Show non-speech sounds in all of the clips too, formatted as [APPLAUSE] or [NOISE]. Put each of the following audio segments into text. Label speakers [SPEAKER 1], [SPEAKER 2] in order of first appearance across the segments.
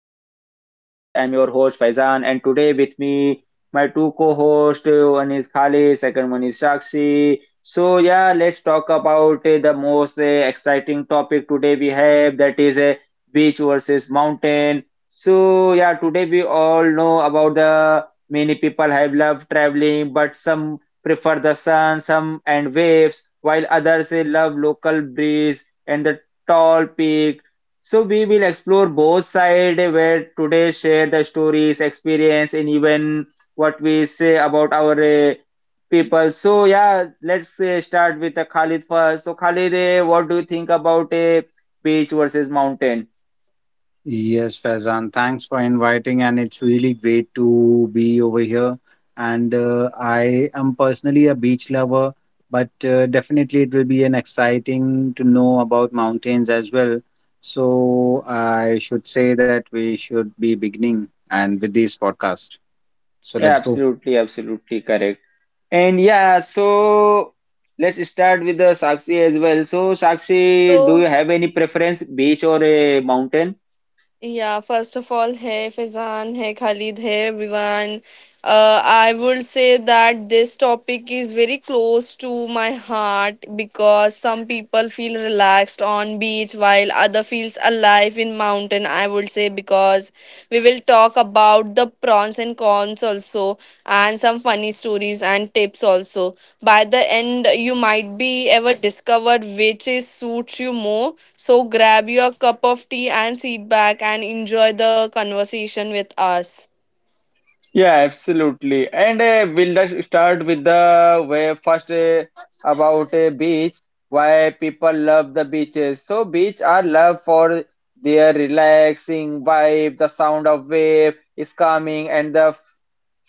[SPEAKER 1] welcome to my podcast. I'm your host Faizan, and today with me my two co-hosts. One is Khalid, second one is Sakshi. So yeah, let's talk about the most exciting topic today we have that is a beach versus mountain. So yeah, today we all know about the many people have loved traveling, but some prefer the sun, some and waves, while others love local breeze and the tall peak, so we will explore both sides where today share the stories, experience, and even what we say about our uh, people. So yeah, let's start with Khalid first. So Khalid, what do you think about a beach versus mountain?
[SPEAKER 2] Yes, Faizan, thanks for inviting, and it's really great to be over here. And I am personally a beach lover, but definitely it will be an exciting to know about mountains as well. So I should say that we should be beginning and with this podcast. So let's
[SPEAKER 1] Yeah,
[SPEAKER 2] go.
[SPEAKER 1] absolutely, absolutely correct. And yeah, so let's start with the Sakshi as well. So Sakshi, do you
[SPEAKER 3] So,
[SPEAKER 1] have any preference, beach or a mountain?
[SPEAKER 3] yeah, first of all, hey Fizan, hey Khalid, hey everyone. I would say that this topic is very close to my heart because some people feel relaxed on beach while other feels alive in mountain. I would say because we will talk about the pros and cons also and some funny stories and tips also. By the end, you might be ever discovered which is suits you more. So grab your cup of tea and sit back and enjoy the conversation with us.
[SPEAKER 1] Yeah, absolutely. And we'll just start with the way first about a beach, why people love the beaches. So beach are loved for their relaxing vibe, the sound of wave is calming and the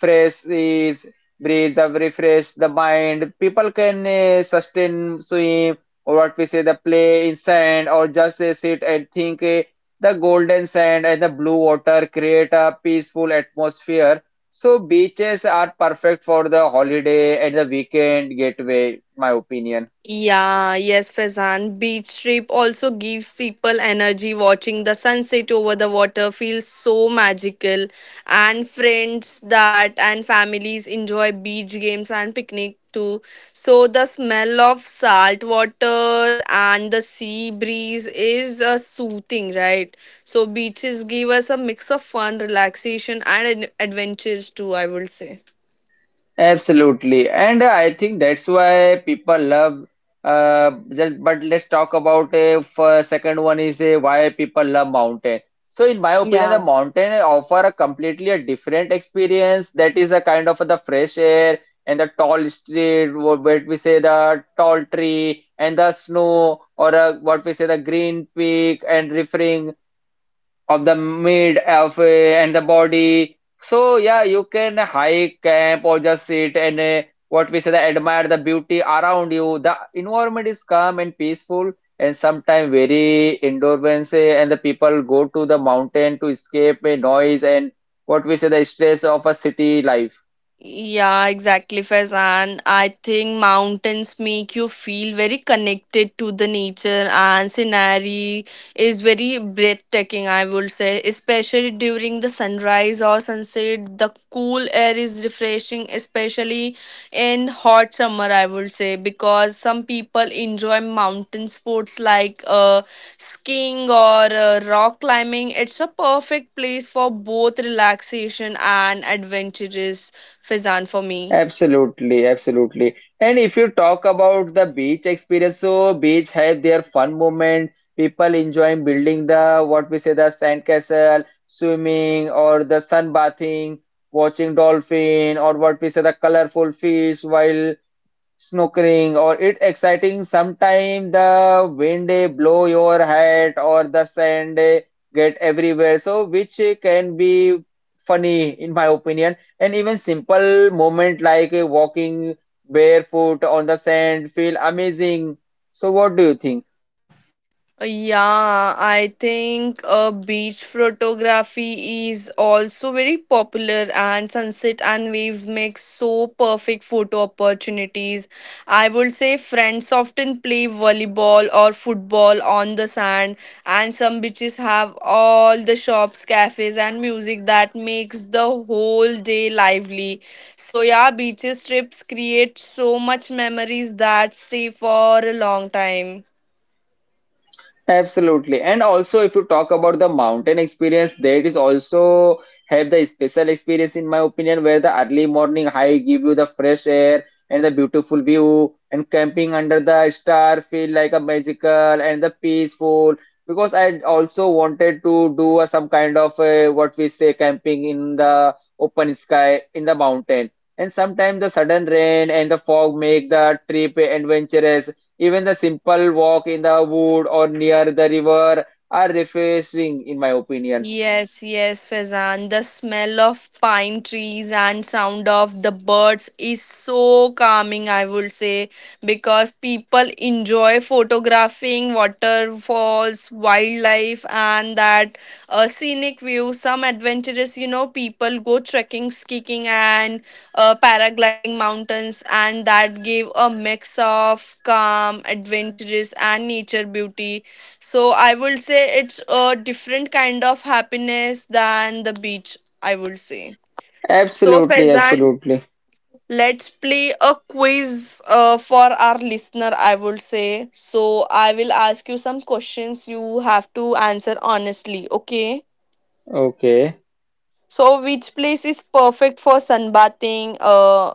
[SPEAKER 1] fresh is breeze that refresh the mind. People can sustain swim or what we say the play in sand or just sit and think. The golden sand and the blue water create a peaceful atmosphere, so beaches are perfect for the holiday and the weekend getaway, my opinion.
[SPEAKER 3] Yeah, yes, Faizan. Beach trip also gives people energy. Watching the sunset over the water feels so magical, and friends that and families enjoy beach games and picnic too. So the smell of salt water and the sea breeze is soothing, right? So beaches give us a mix of fun, relaxation, and adventures too. I would say.
[SPEAKER 1] Absolutely. And I think that's why people love but let's talk about a first, second one is a why people love mountain. So in my opinion, the
[SPEAKER 3] Yeah.
[SPEAKER 1] mountain offer a completely a different experience that is a kind of the fresh air and the tall street what we say the tall tree and the snow or what we say the green peak and referring of the mid of and the body. So yeah, you can hike, camp, or just sit and what we say, the admire the beauty around you. The environment is calm and peaceful, and sometimes very endurance. And the people go to the mountain to escape a noise and what we say, the stress of a city life.
[SPEAKER 3] Yeah, exactly, Faizan. I think mountains make you feel very connected to the nature and scenery is very breathtaking, I would say. Especially during the sunrise or sunset, the cool air is refreshing, especially in hot summer, I would say, because some people enjoy mountain sports like skiing or rock climbing. It's a perfect place for both relaxation and adventures. Fizan for me.
[SPEAKER 1] Absolutely, absolutely. And if you talk about the beach experience, so beach have their fun moment. People enjoying building the what we say the sand castle, swimming or the sun bathing, watching dolphin or what we say the colorful fish while snorkeling or it exciting sometime the wind blow your hat or the sand get everywhere, so which can be funny in my opinion, and even simple moment like walking barefoot on the sand feel amazing. So what do you think?
[SPEAKER 3] Yeah, I think beach photography is also very popular, and sunset and waves make so perfect photo opportunities. I would say friends often play volleyball or football on the sand, and some beaches have all the shops, cafes, and music that makes the whole day lively. So, yeah, beaches trips create so much memories that stay for a long time.
[SPEAKER 1] Absolutely. And also, if you talk about the mountain experience, that is also have the special experience, in my opinion, where the early morning hike give you the fresh air and the beautiful view, and camping under the star feel like a magical and the peaceful. Because I also wanted to do a, some kind of a, what we say camping in the open sky in the mountain. And sometimes the sudden rain and the fog make the trip adventurous, even the simple walk in the wood or near the river are refreshing, in my opinion.
[SPEAKER 3] Yes, yes, Fezan. The smell of pine trees and sound of the birds is so calming, I would say, because people enjoy photographing waterfalls, wildlife, and that scenic view. Some adventurous, you know, people go trekking, skiing, and paragliding mountains, and that gave a mix of calm, adventurous, and nature beauty, so I would say it's a different kind of happiness than the beach, I would say. So
[SPEAKER 1] Absolutely,
[SPEAKER 3] Faizan,
[SPEAKER 1] absolutely.
[SPEAKER 3] let's play a quiz for our listener, I would say. So I will ask you some questions you have to answer honestly, okay?
[SPEAKER 1] Okay.
[SPEAKER 3] So which place is perfect for sunbathing? Uh,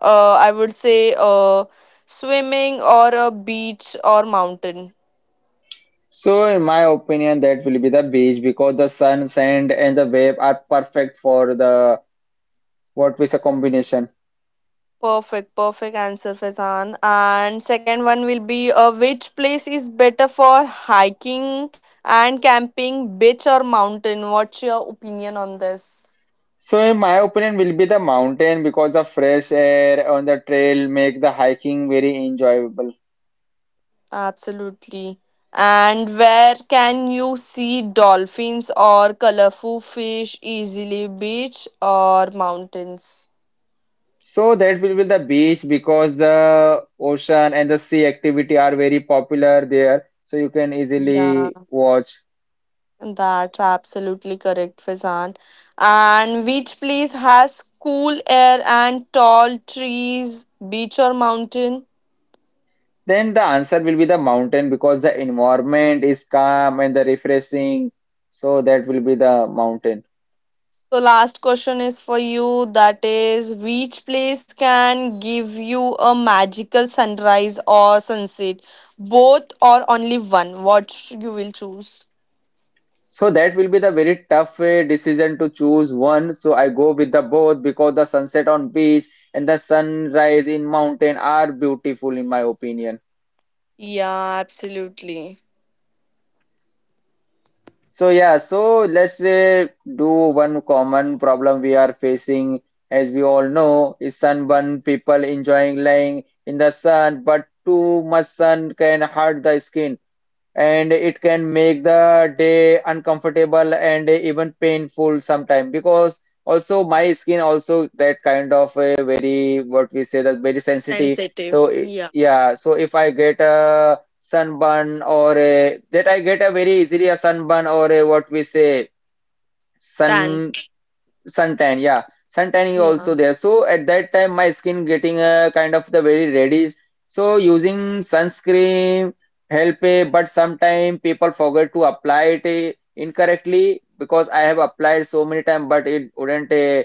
[SPEAKER 3] uh I would say swimming or a beach or mountain.
[SPEAKER 1] So, in my opinion, that will be the beach because the sun, sand, and the wave are perfect for the what is a combination.
[SPEAKER 3] Perfect, perfect answer, Faizan. And second one will be which place is better for hiking and camping, beach or mountain? What's your opinion on this?
[SPEAKER 1] So, in my opinion, will be the mountain because the fresh air on the trail make the hiking very enjoyable.
[SPEAKER 3] Absolutely. And where can you see dolphins or colorful fish easily, beach or mountains?
[SPEAKER 1] So that will be the beach because the ocean and the sea activity are very popular there, so you can easily
[SPEAKER 3] Yeah.
[SPEAKER 1] watch.
[SPEAKER 3] That's absolutely correct, Fazan. And which place has cool air and tall trees, beach or mountain?
[SPEAKER 1] Then the answer will be the mountain because the environment is calm and the refreshing. So that will be the mountain.
[SPEAKER 3] So, last question is for you that is, which place can give you a magical sunrise or sunset? Both or only one? What you will choose?
[SPEAKER 1] So that will be the very tough decision to choose one. So I go with the both because the sunset on beach and the sunrise in mountain are beautiful in my opinion.
[SPEAKER 3] Yeah, absolutely.
[SPEAKER 1] So yeah, so let's say do one common problem we are facing, as we all know, is sunburn. People enjoying lying in the sun, but too much sun can hurt the skin and it can make the day uncomfortable and even painful sometime, because also my skin also that kind of a very what we say that very sensitive.
[SPEAKER 3] Sensitive.
[SPEAKER 1] So
[SPEAKER 3] Yeah.
[SPEAKER 1] yeah, so if I get a sunburn or a that I get a very easily a sunburn or a what we say
[SPEAKER 3] Tan.
[SPEAKER 1] sun suntan, yeah, suntan is
[SPEAKER 3] Yeah.
[SPEAKER 1] also there. So at that time my skin getting a kind of the very reddish, so using sunscreen help but sometimes people forget to apply it incorrectly, because I have applied so many times but it wouldn't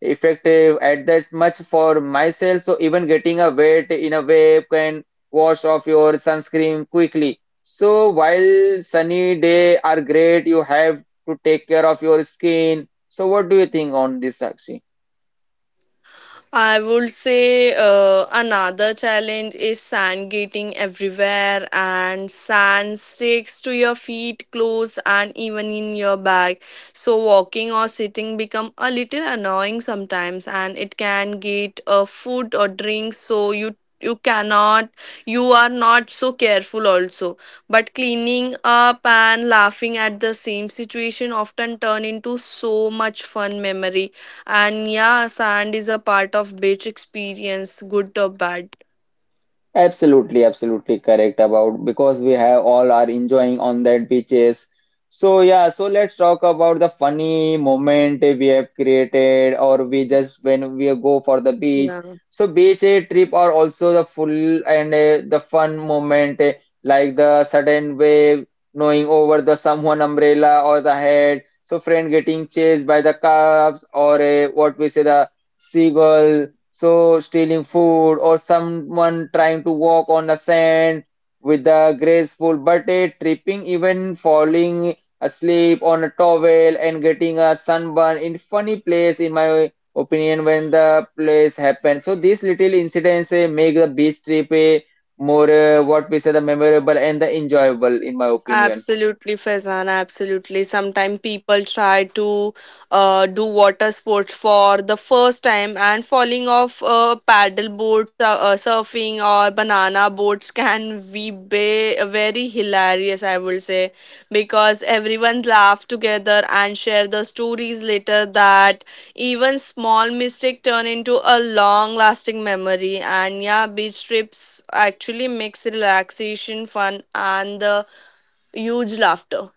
[SPEAKER 1] effective at that much for myself. So even getting a wet in a way can wash off your sunscreen quickly, so while sunny day are great you have to take care of your skin. So what do you think on this, Sakshi?
[SPEAKER 3] I would say another challenge is sand getting everywhere, and sand sticks to your feet, clothes, and even in your bag. So walking or sitting become a little annoying sometimes, and it can get a food or drink. So you cannot you are not so careful also, but cleaning up and laughing at the same situation often turn into so much fun memory. And yeah, sand is a part of beach experience, good or bad.
[SPEAKER 1] Absolutely, absolutely correct about because we have all are enjoying on that beaches. So yeah, so let's talk about the funny moment we have created or we just when we go for the beach. So beach trip are also the full and the fun moment like the sudden wave knowing over the someone umbrella or the head. So friend getting chased by the calves or what we say the seagull, so stealing food, or someone trying to walk on the sand with a graceful but a tripping, even falling asleep on a towel and getting a sunburn in funny place, in my opinion, when the place happened. So these little incidents make the beach trip more what we say the memorable and the enjoyable, in my opinion.
[SPEAKER 3] Absolutely, Faizan. Absolutely. Sometimes people try to do water sports for the first time, and falling off paddle boards, surfing, or banana boards can be very hilarious, I will say, because everyone laugh together and share the stories later that even small mistake turn into a long lasting memory. And yeah, beach trips actually makes relaxation fun and the huge laughter.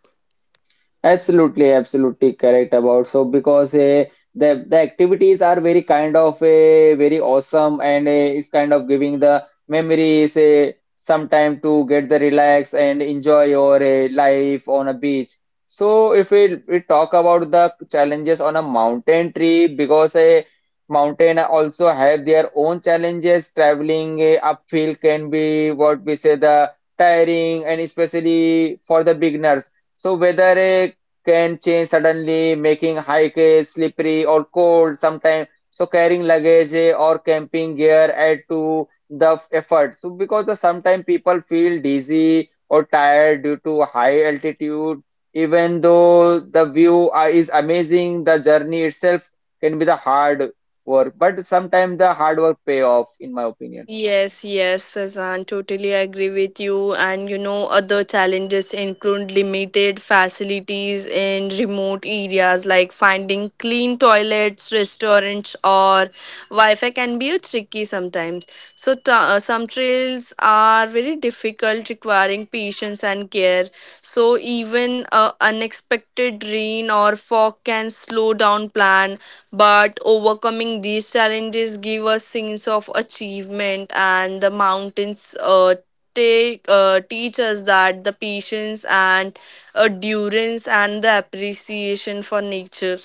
[SPEAKER 1] Absolutely, absolutely correct about. So because the activities are very kind of a very awesome, and it's kind of giving the memories some time to get the relax and enjoy your life on a beach. So if we talk about the challenges on a mountain trip, because a mountain also have their own challenges. Traveling uphill can be what we say the tiring, and especially for the beginners. So whether a can change suddenly, making hike slippery or cold sometimes. So carrying luggage or camping gear add to the effort. So because the sometimes people feel dizzy or tired due to high altitude, even though the view is amazing, the journey itself can be the hard work. But sometimes the hard work pay off, in my opinion.
[SPEAKER 3] Yes, yes, Fazan, totally agree with you. And you know, other challenges include limited facilities in remote areas like finding clean toilets, restaurants, or Wi Fi can be a tricky sometimes. So, some trails are very difficult, requiring patience and care. So, even a unexpected rain or fog can slow down plan, but overcoming these challenges give us sense of achievement, and the mountains take teach us that the patience and endurance and the appreciation for nature.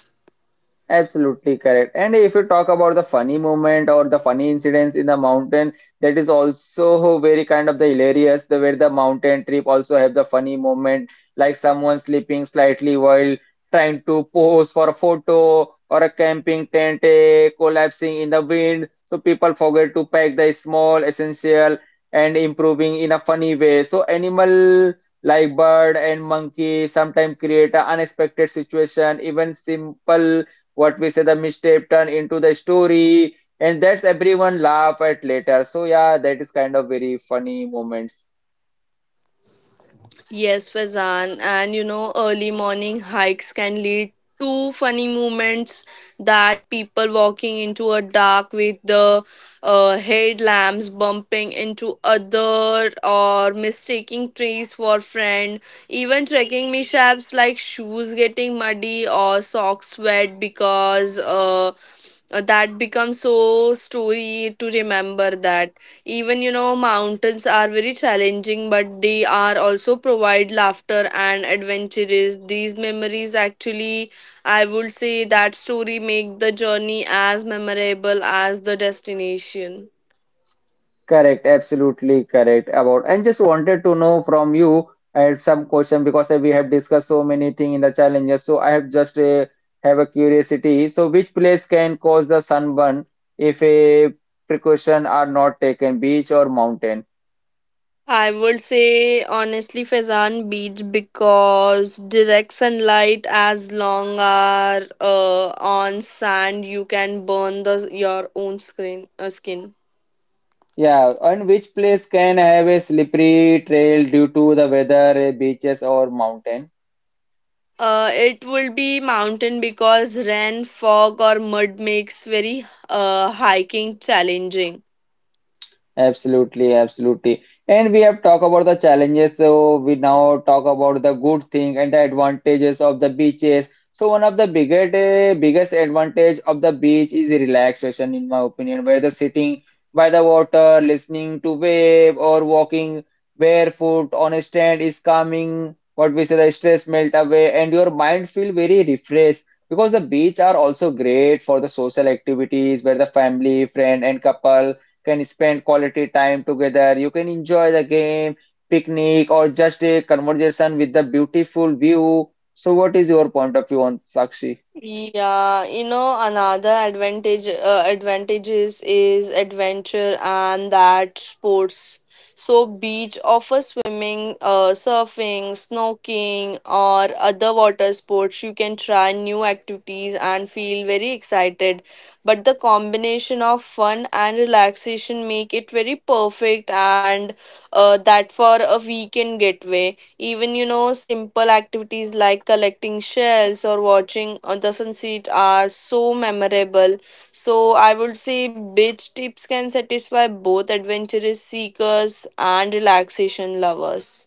[SPEAKER 1] Absolutely correct. And if you talk about the funny moment or the funny incidents in the mountain, that is also very kind of the hilarious. The where the mountain trip also have the funny moment, like someone sleeping slightly while trying to pose for a photo, or a camping tent collapsing in the wind. So people forget to pack the small essential and improving in a funny way. So animal like bird and monkey sometimes create an unexpected situation. Even simple what we say the mistake turn into the story, and that's everyone laugh at later. So yeah, that is kind of very funny moments.
[SPEAKER 3] Yes, Fazan. And you know, early morning hikes can lead to funny moments, that people walking into a dark with the headlamps bumping into other or mistaking trees for friend. Even trekking mishaps like shoes getting muddy or socks wet because that becomes so story to remember, that even you know mountains are very challenging, but they are also provide laughter and adventures, these memories actually, I would say that story make the journey as memorable as the destination.
[SPEAKER 1] Correct, absolutely correct about. And just wanted to know from you, I had some question because we have discussed so many things in the challenges, so I have just have a curiosity. So which place can cause the sunburn if a precaution are not taken, beach or mountain?
[SPEAKER 3] I would say honestly Fezan Beach because direct sunlight as long are on sand you can burn the your own screen skin.
[SPEAKER 1] Yeah, and which place can have a slippery trail due to the weather, beaches or mountain?
[SPEAKER 3] It will be mountain because rain, fog, or mud makes very hiking challenging.
[SPEAKER 1] Absolutely, absolutely. And we have talked about the challenges, so we now talk about the good thing and the advantages of the beaches. So one of the biggest advantage of the beach is relaxation, in my opinion, where the sitting by the water, listening to wave, or walking barefoot on a strand is calming. What we say, the stress melt away, and your mind feel very refreshed. Because the beach are also great for the social activities, where the family, friend, and couple can spend quality time together. You can enjoy the game, picnic, or just a conversation with the beautiful view. So, what is your point of view on Sakshi?
[SPEAKER 3] Yeah, you know another advantages is adventure and that sports. So beach offers swimming, surfing, snorkeling, or other water sports. You can try new activities and feel very excited, but the combination of fun and relaxation make it very perfect, and that for a weekend getaway, even you know simple activities like collecting shells or watching the sunset are so memorable, so I would say beach trips can satisfy both adventurous seekers and relaxation lovers.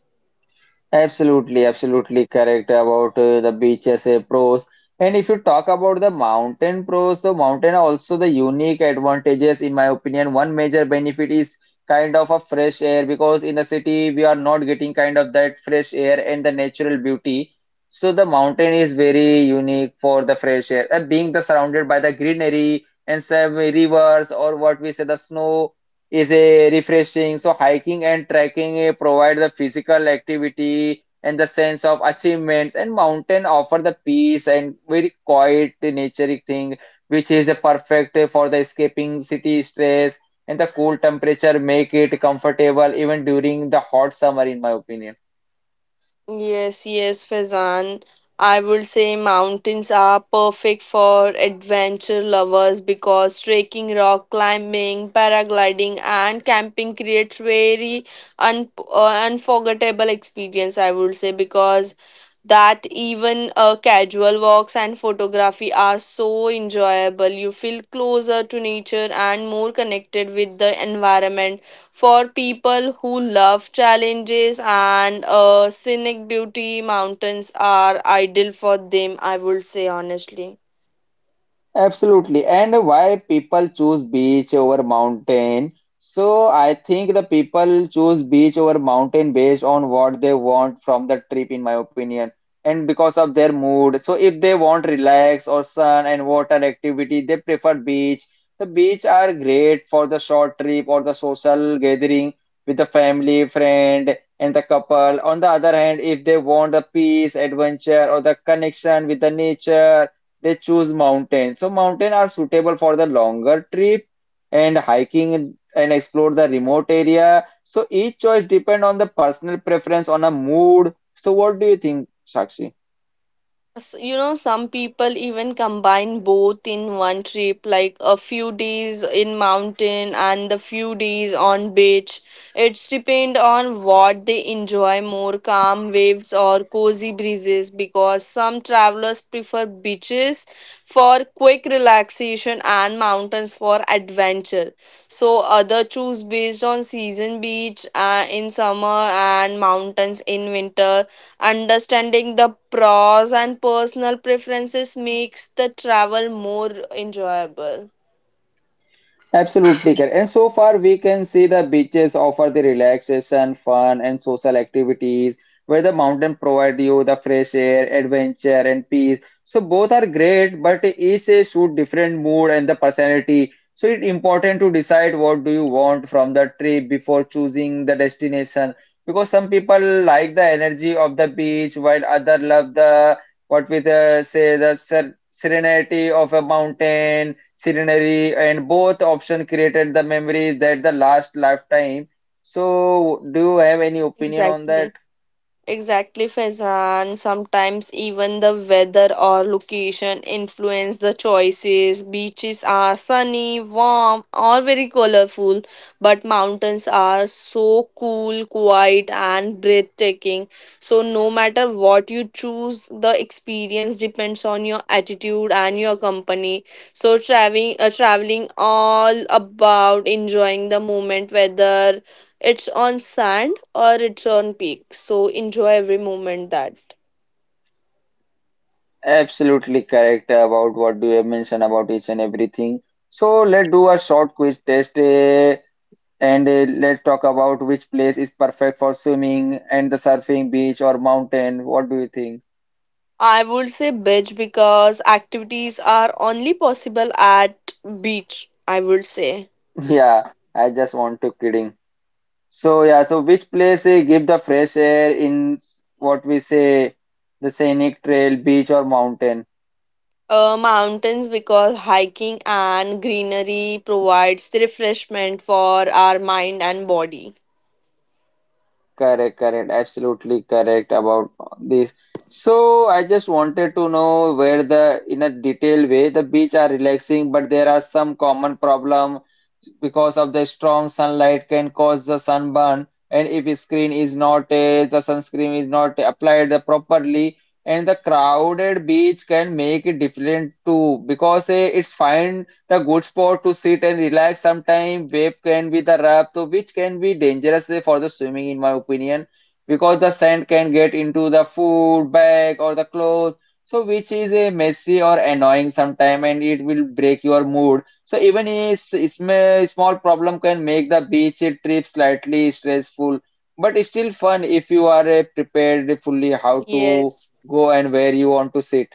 [SPEAKER 1] Absolutely, absolutely correct about the beaches pros. And if you talk about the mountain pros, the mountain are also the unique advantages, in my opinion. One major benefit is kind of a fresh air, because in the city we are not getting kind of that fresh air and the natural beauty. So the mountain is very unique for the fresh air. And being the surrounded by the greenery and some rivers or what we say the snow is a refreshing. So hiking and trekking provide the physical activity and the sense of achievements, and mountain offer the peace and very quiet nature thing, which is a perfect for the escaping city stress. And the cool temperature make it comfortable even during the hot summer, in my opinion.
[SPEAKER 3] Yes, yes, Faizan. I would say mountains are perfect for adventure lovers because trekking, rock climbing, paragliding, and camping creates very unforgettable experience. I would say because that even casual walks and photography are so enjoyable. You feel closer to nature and more connected with the environment. For people who love challenges and scenic beauty, mountains are ideal for them, I would say honestly.
[SPEAKER 1] Absolutely. And why people choose beach over mountain? So I think the people choose beach over mountain based on what they want from the trip, in my opinion, and because of their mood. So if they want relax or sun and water activity, they prefer beach. So beach are great for the short trip or the social gathering with the family, friend, and the couple. On the other hand, if they want the peace, adventure, or the connection with the nature they choose mountain. So mountain are suitable for the longer trip and hiking and explore the remote area. So each choice depend on the personal preference on a mood. So what do you think, Sakshi?
[SPEAKER 3] You know some people even combine both in one trip, like a few days in mountain and the few days on beach. It's depend on what they enjoy more, calm waves or cozy breezes, because some travelers prefer beaches for quick relaxation and mountains for adventure. So other choose based on season, beach in summer and mountains in winter. Understanding the pros and personal preferences makes the travel more enjoyable.
[SPEAKER 1] Absolutely correct. And so far, we can see the beaches offer the relaxation, fun, and social activities, where the mountain provide you the fresh air, adventure, and peace. So both are great, but each suit different mood and the personality. So it's important to decide what do you want from the trip before choosing the destination. Because some people like the energy of the beach, while other love the what we the, say the ser serenity of a mountain. Serenity, and both option created the memories that the last lifetime. So, do you have any opinion on that?
[SPEAKER 3] Exactly. Exactly, Faizan. Sometimes even the weather or location influence the choices. Beaches are sunny, warm, or very colorful, but mountains are so cool, quiet, and breathtaking. So, no matter what you choose, the experience depends on your attitude and your company. So, traveling all about enjoying the moment, whether it's on sand or it's on peak, so enjoy every moment that.
[SPEAKER 1] Absolutely correct about what do you have mentioned about each and everything. So, let's do a short quiz test and let's talk about which place is perfect for swimming and the surfing, beach or mountain? What do you think?
[SPEAKER 3] I would say beach because activities are only possible at beach, I would say.
[SPEAKER 1] [LAUGHS] Yeah, I just want to kidding. So yeah, so which place give the fresh air in what we say the scenic trail, beach or mountain?
[SPEAKER 3] Mountains because hiking and greenery provides the refreshment for our mind and body.
[SPEAKER 1] Correct, correct, absolutely correct about this. So I just wanted to know where the, in a detailed way, the beach are relaxing, but there are some common problem because of the strong sunlight can cause the sunburn, and if a screen is not the sunscreen is not applied properly, and the crowded beach can make it different too because it's fine the good spot to sit and relax sometimes wave can be the rough, so which can be dangerous for the swimming in my opinion because the sand can get into the food bag or the clothes so which is a messy or annoying sometime and it will break your mood so even a small problem can make the beach trip slightly stressful but it's still fun if you are prepared fully how to
[SPEAKER 3] Yes.
[SPEAKER 1] go and where you want to sit.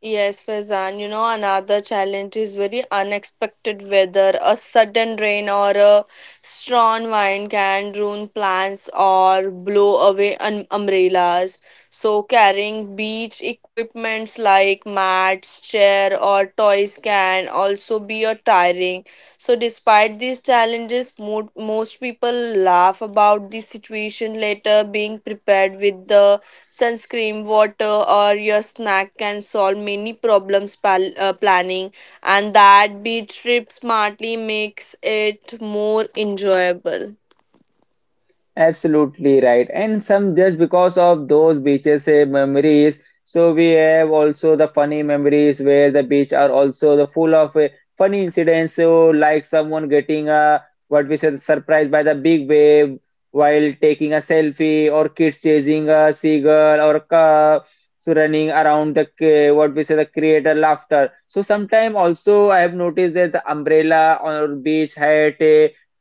[SPEAKER 3] Yes, Faizan, you know, another challenge is very unexpected weather. A sudden rain or a strong wind can ruin plants or blow away umbrellas. So, carrying beach equipments like mats, chair, or toys can also be a tiring. So, despite these challenges, most people laugh about the situation later. Being prepared with the sunscreen, water, or your snack can solve many problems, planning, and that beach trip smartly makes it more enjoyable.
[SPEAKER 1] Absolutely right. And some just because of those beaches memories. So we have also the funny memories where the beach are also the full of funny incidents. So like someone getting a what we said surprised by the big wave while taking a selfie, or kids chasing a seagull or a calf. So running around the what we say the creator laughter. So sometime also I have noticed that the umbrella or beach hat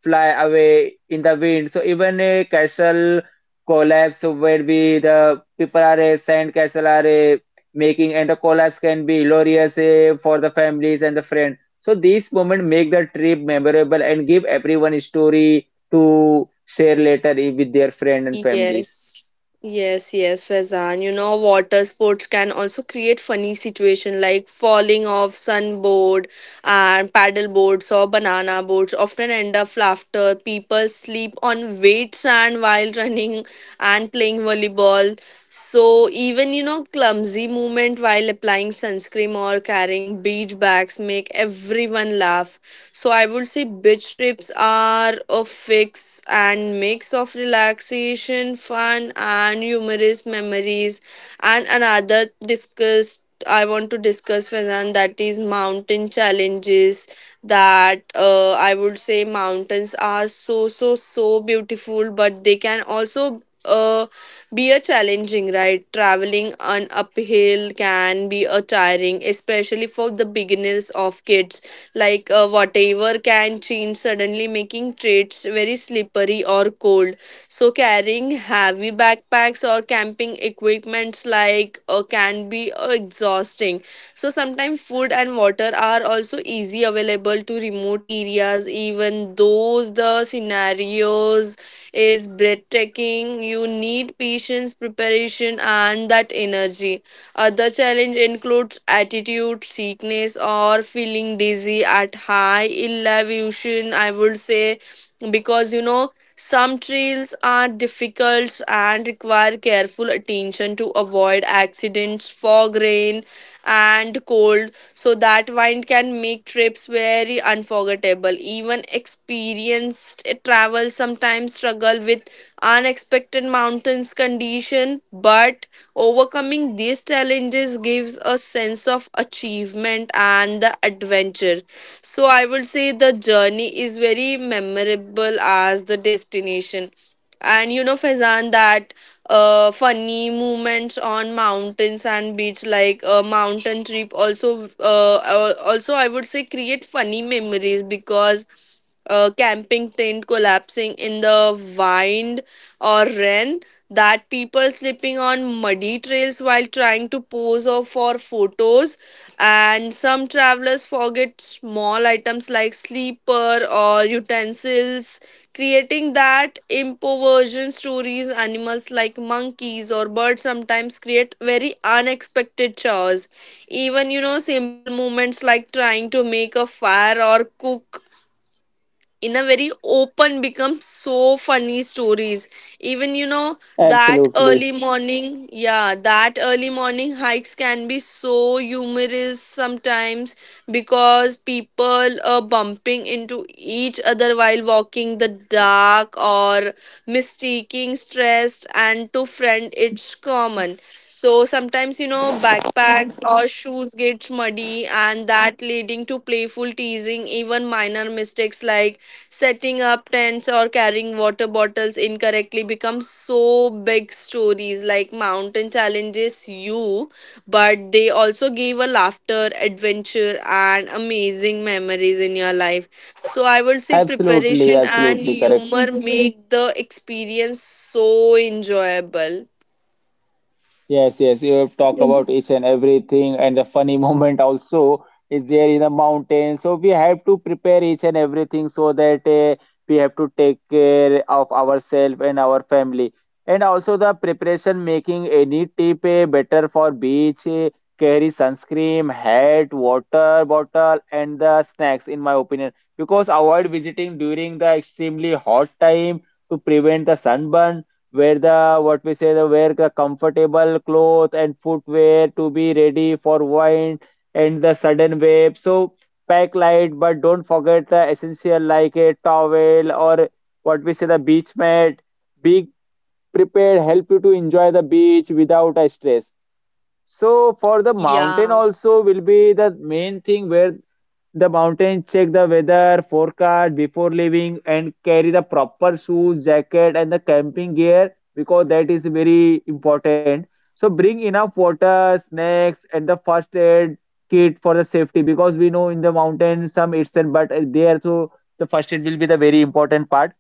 [SPEAKER 1] fly away in the wind. So even a castle collapse where we the people are a sand castle are a making and the collapse can be glorious for the families and the friend. So these moments make the trip memorable and give everyone a story to share later with their friend and families.
[SPEAKER 3] Yes, yes, yes, Faizan. You know, water sports can also create funny situation like falling off sunboard and paddle boards or banana boards often end up laughter. People sleep on wet sand while running and playing volleyball. So even you know, clumsy movement while applying sunscreen or carrying beach bags make everyone laugh. So I would say beach trips are a fix and mix of relaxation, fun, and humorous memories. And another discussed I want to discuss Fazan, that is mountain challenges, that I would say mountains are so so so beautiful, but they can also be a challenging, right? Traveling on uphill can be a tiring, especially for the beginners of kids, like whatever can change suddenly, making trails very slippery or cold. So carrying heavy backpacks or camping equipments can be exhausting. So sometimes food and water are also easy available to remote areas, even those the scenarios is breathtaking. You need patience, preparation, and that energy. Other challenge includes attitude sickness or feeling dizzy at high elevation, I would say, because you know some trails are difficult and require careful attention to avoid accidents, fog, rain, and cold. So that wind can make trips very unforgettable. Even experienced travel sometimes struggle with unexpected mountains condition, but overcoming these challenges gives a sense of achievement and the adventure. So I would say the journey is very memorable as the destination. And you know, Faizan, that funny moments on mountains and beach, like a mountain trip, also, also I would say create funny memories because a camping tent collapsing in the wind or rain, that people slipping on muddy trails while trying to pose or for photos, and some travelers forget small items like sleeper or utensils, creating that impoversion stories. Animals like monkeys or birds sometimes create very unexpected chores. Even you know simple moments like trying to make a fire or cook in a very open become so funny stories. Even you know that
[SPEAKER 1] Absolutely.
[SPEAKER 3] early morning yeah that early morning hikes can be so humorous sometimes, because people are bumping into each other while walking the dark or mistaking stressed and to friend. It's common. So sometimes you know backpacks or shoes gets muddy and that leading to playful teasing. Even minor mistakes like setting up tents or carrying water bottles incorrectly become so big stories like mountain challenges you, but they also give a laughter adventure and amazing memories in your life. So I would say
[SPEAKER 1] Absolutely,
[SPEAKER 3] preparation and
[SPEAKER 1] absolutely correct.
[SPEAKER 3] humor make the experience so enjoyable.
[SPEAKER 1] Yes, yes, you have talked about each and everything, and the funny [LAUGHS] moment also is there in the mountain. So we have to prepare each and everything so that we have to take care of ourselves and our family. And also the preparation making any tip better for beach, carry sunscreen, hat, water bottle, and the snacks, in my opinion, because avoid visiting during the extremely hot time to prevent the sunburn where the what we say the wear the comfortable cloth and footwear to be ready for wind and the sudden wave so pack light but don't forget the essential like a towel or what we say the beach mat be prepared help you to enjoy the beach without a stress so for the mountain
[SPEAKER 3] Yeah,
[SPEAKER 1] also will be the main thing where the mountains, check the weather forecast before leaving, and carry the proper shoes, jacket, and the camping gear because that is very important. So bring enough water, snacks, and the first aid kit for the safety because we know in the mountains some it's but there so the first aid will be the very important part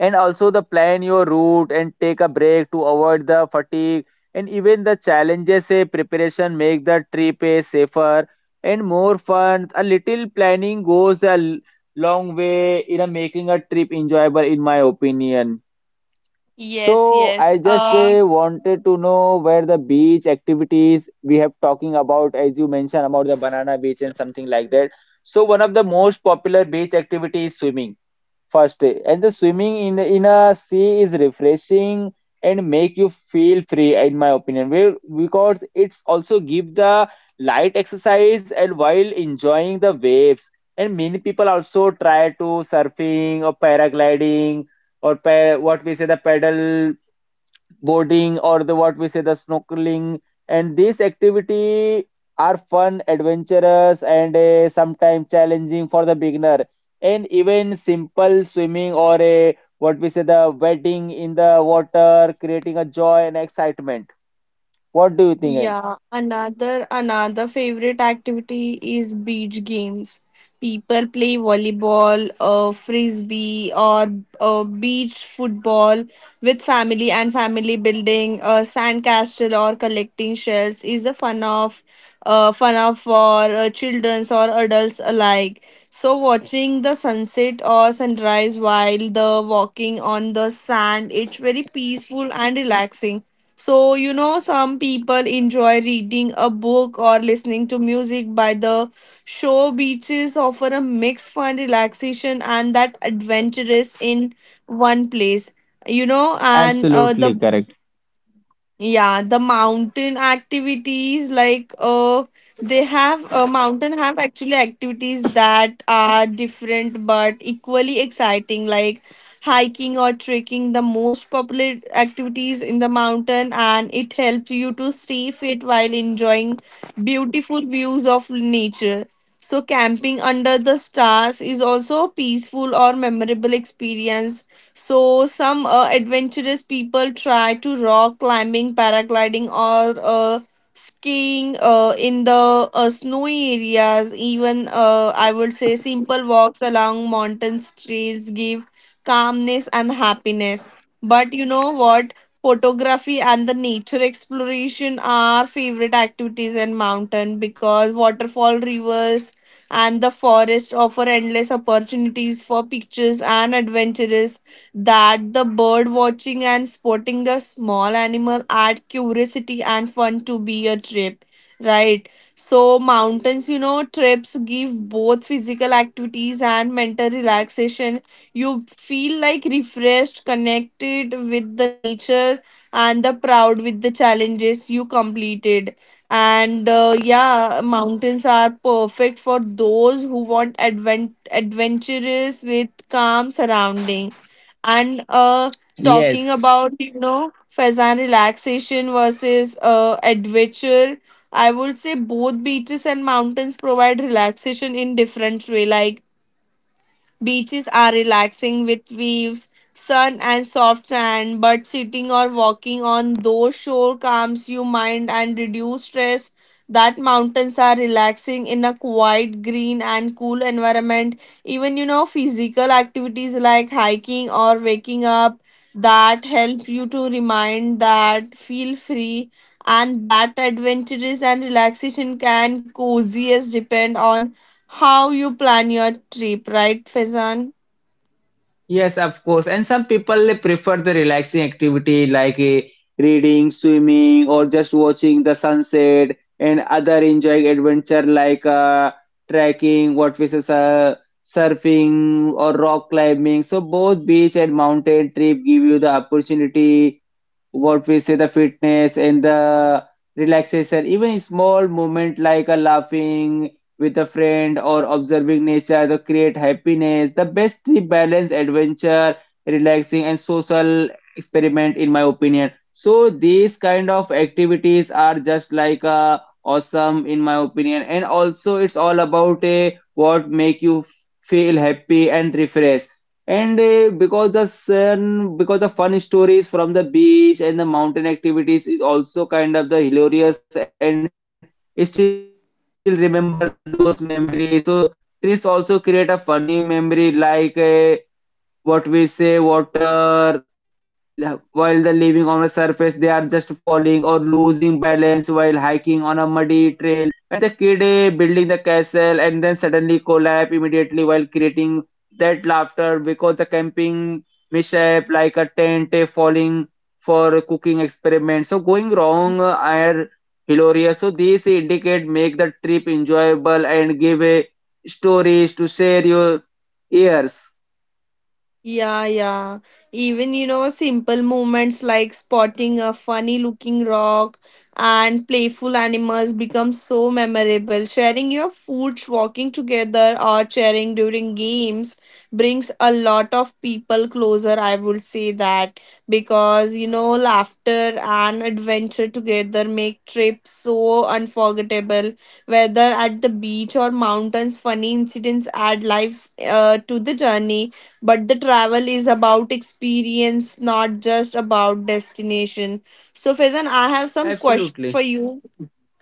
[SPEAKER 1] and also the plan your route and take a break to avoid the fatigue and even the challenges say preparation make the trip a safer and more fun a little planning goes a long way in a making a trip enjoyable in my opinion
[SPEAKER 3] yes,
[SPEAKER 1] so
[SPEAKER 3] yes,
[SPEAKER 1] I just wanted to know where the beach activities we have talking about as you mentioned about the banana beach and something like that so one of the most popular beach activity is swimming first and the swimming in a sea is refreshing and make you feel free in my opinion. Well, because it's also give the light exercise and while enjoying the waves and many people also try to surfing or paragliding or what we say the pedal boarding or the what we say the snorkeling and these activity are fun adventurous and sometimes challenging for the beginner and even simple swimming or a what we say the wading in the water creating a joy and excitement. What do you think?
[SPEAKER 3] yeah, another favorite activity is beach games. People play volleyball, frisbee, or beach football with family and family building. A sand castle or collecting shells is a fun of for childrens or adults alike. So watching the sunset or sunrise while the walking on the sand, it's very peaceful and relaxing. So, you know, some people enjoy reading a book or listening to music by the shore. Beaches offer a mix fun relaxation and that adventurous in one place. You know, and the
[SPEAKER 1] Absolutely correct.
[SPEAKER 3] Yeah, the mountain activities like they have mountain have actually activities that are different but equally exciting, like hiking or trekking, the most popular activities in the mountain, and it helps you to stay fit while enjoying beautiful views of nature. So camping under the stars is also a peaceful or memorable experience. So some adventurous people try to rock climbing, paragliding, or skiing in the snowy areas. Even I would say simple walks along mountain trails give calmness and happiness. But you know what? Photography and the nature exploration are favorite activities in mountain because waterfall, rivers, and the forest offer endless opportunities for pictures and adventures. That the bird watching and spotting the small animal add curiosity and fun to be a trip, right? So mountains you know trips give both physical activities and mental relaxation. You feel like refreshed, connected with the nature and the proud with the challenges you completed. And yeah, mountains are perfect for those who want adventurous with calm surrounding. And Talking
[SPEAKER 1] Yes.
[SPEAKER 3] about you know fazan relaxation versus adventure, I would say both beaches and mountains provide relaxation in different way. Like beaches are relaxing with waves, sun, and soft sand, but sitting or walking on those shore calms you mind and reduce stress. That mountains are relaxing in a quiet, green, and cool environment. Even you know, physical activities like hiking or waking up that help you to remind that feel free, and that adventures and relaxation can coziest depend on how you plan your trip, right, Fezan?
[SPEAKER 1] Yes, of course. And some people they prefer the relaxing activity like reading, swimming, or just watching the sunset and other enjoying adventure like trekking, what we say, surfing or rock climbing. So both beach and mountain trip give you the opportunity what we say the fitness and the relaxation even small moment like a laughing with a friend or observing nature to create happiness the best balance adventure relaxing and social experiment in my opinion so these kind of activities are just like awesome in my opinion and also it's all about a what make you feel happy and refreshed and because the sun, because the fun stories from the beach and the mountain activities is also kind of the hilarious and still remember those memories. So trips also create a funny memory like what we say, water, while they're living on the surface they are just falling or losing balance while hiking on a muddy trail and the kid building the castle and then suddenly collapse immediately while creating that laughter because the camping mishap like a tent falling for a cooking experiment so going wrong are hilarious so these indicate make the trip enjoyable and give stories to share your ears.
[SPEAKER 3] Yeah, yeah. Even, you know, simple movements like spotting a funny looking rock and playful animals become so memorable. Sharing your food, walking together, or cheering during games brings a lot of people closer. I would say that because, you know, laughter and adventure together make trips so unforgettable. Whether at the beach or mountains, funny incidents add life to the journey, but the travel is about experience, not just about destination. So, Faizan, I have some question for
[SPEAKER 1] Absolutely.
[SPEAKER 3] you.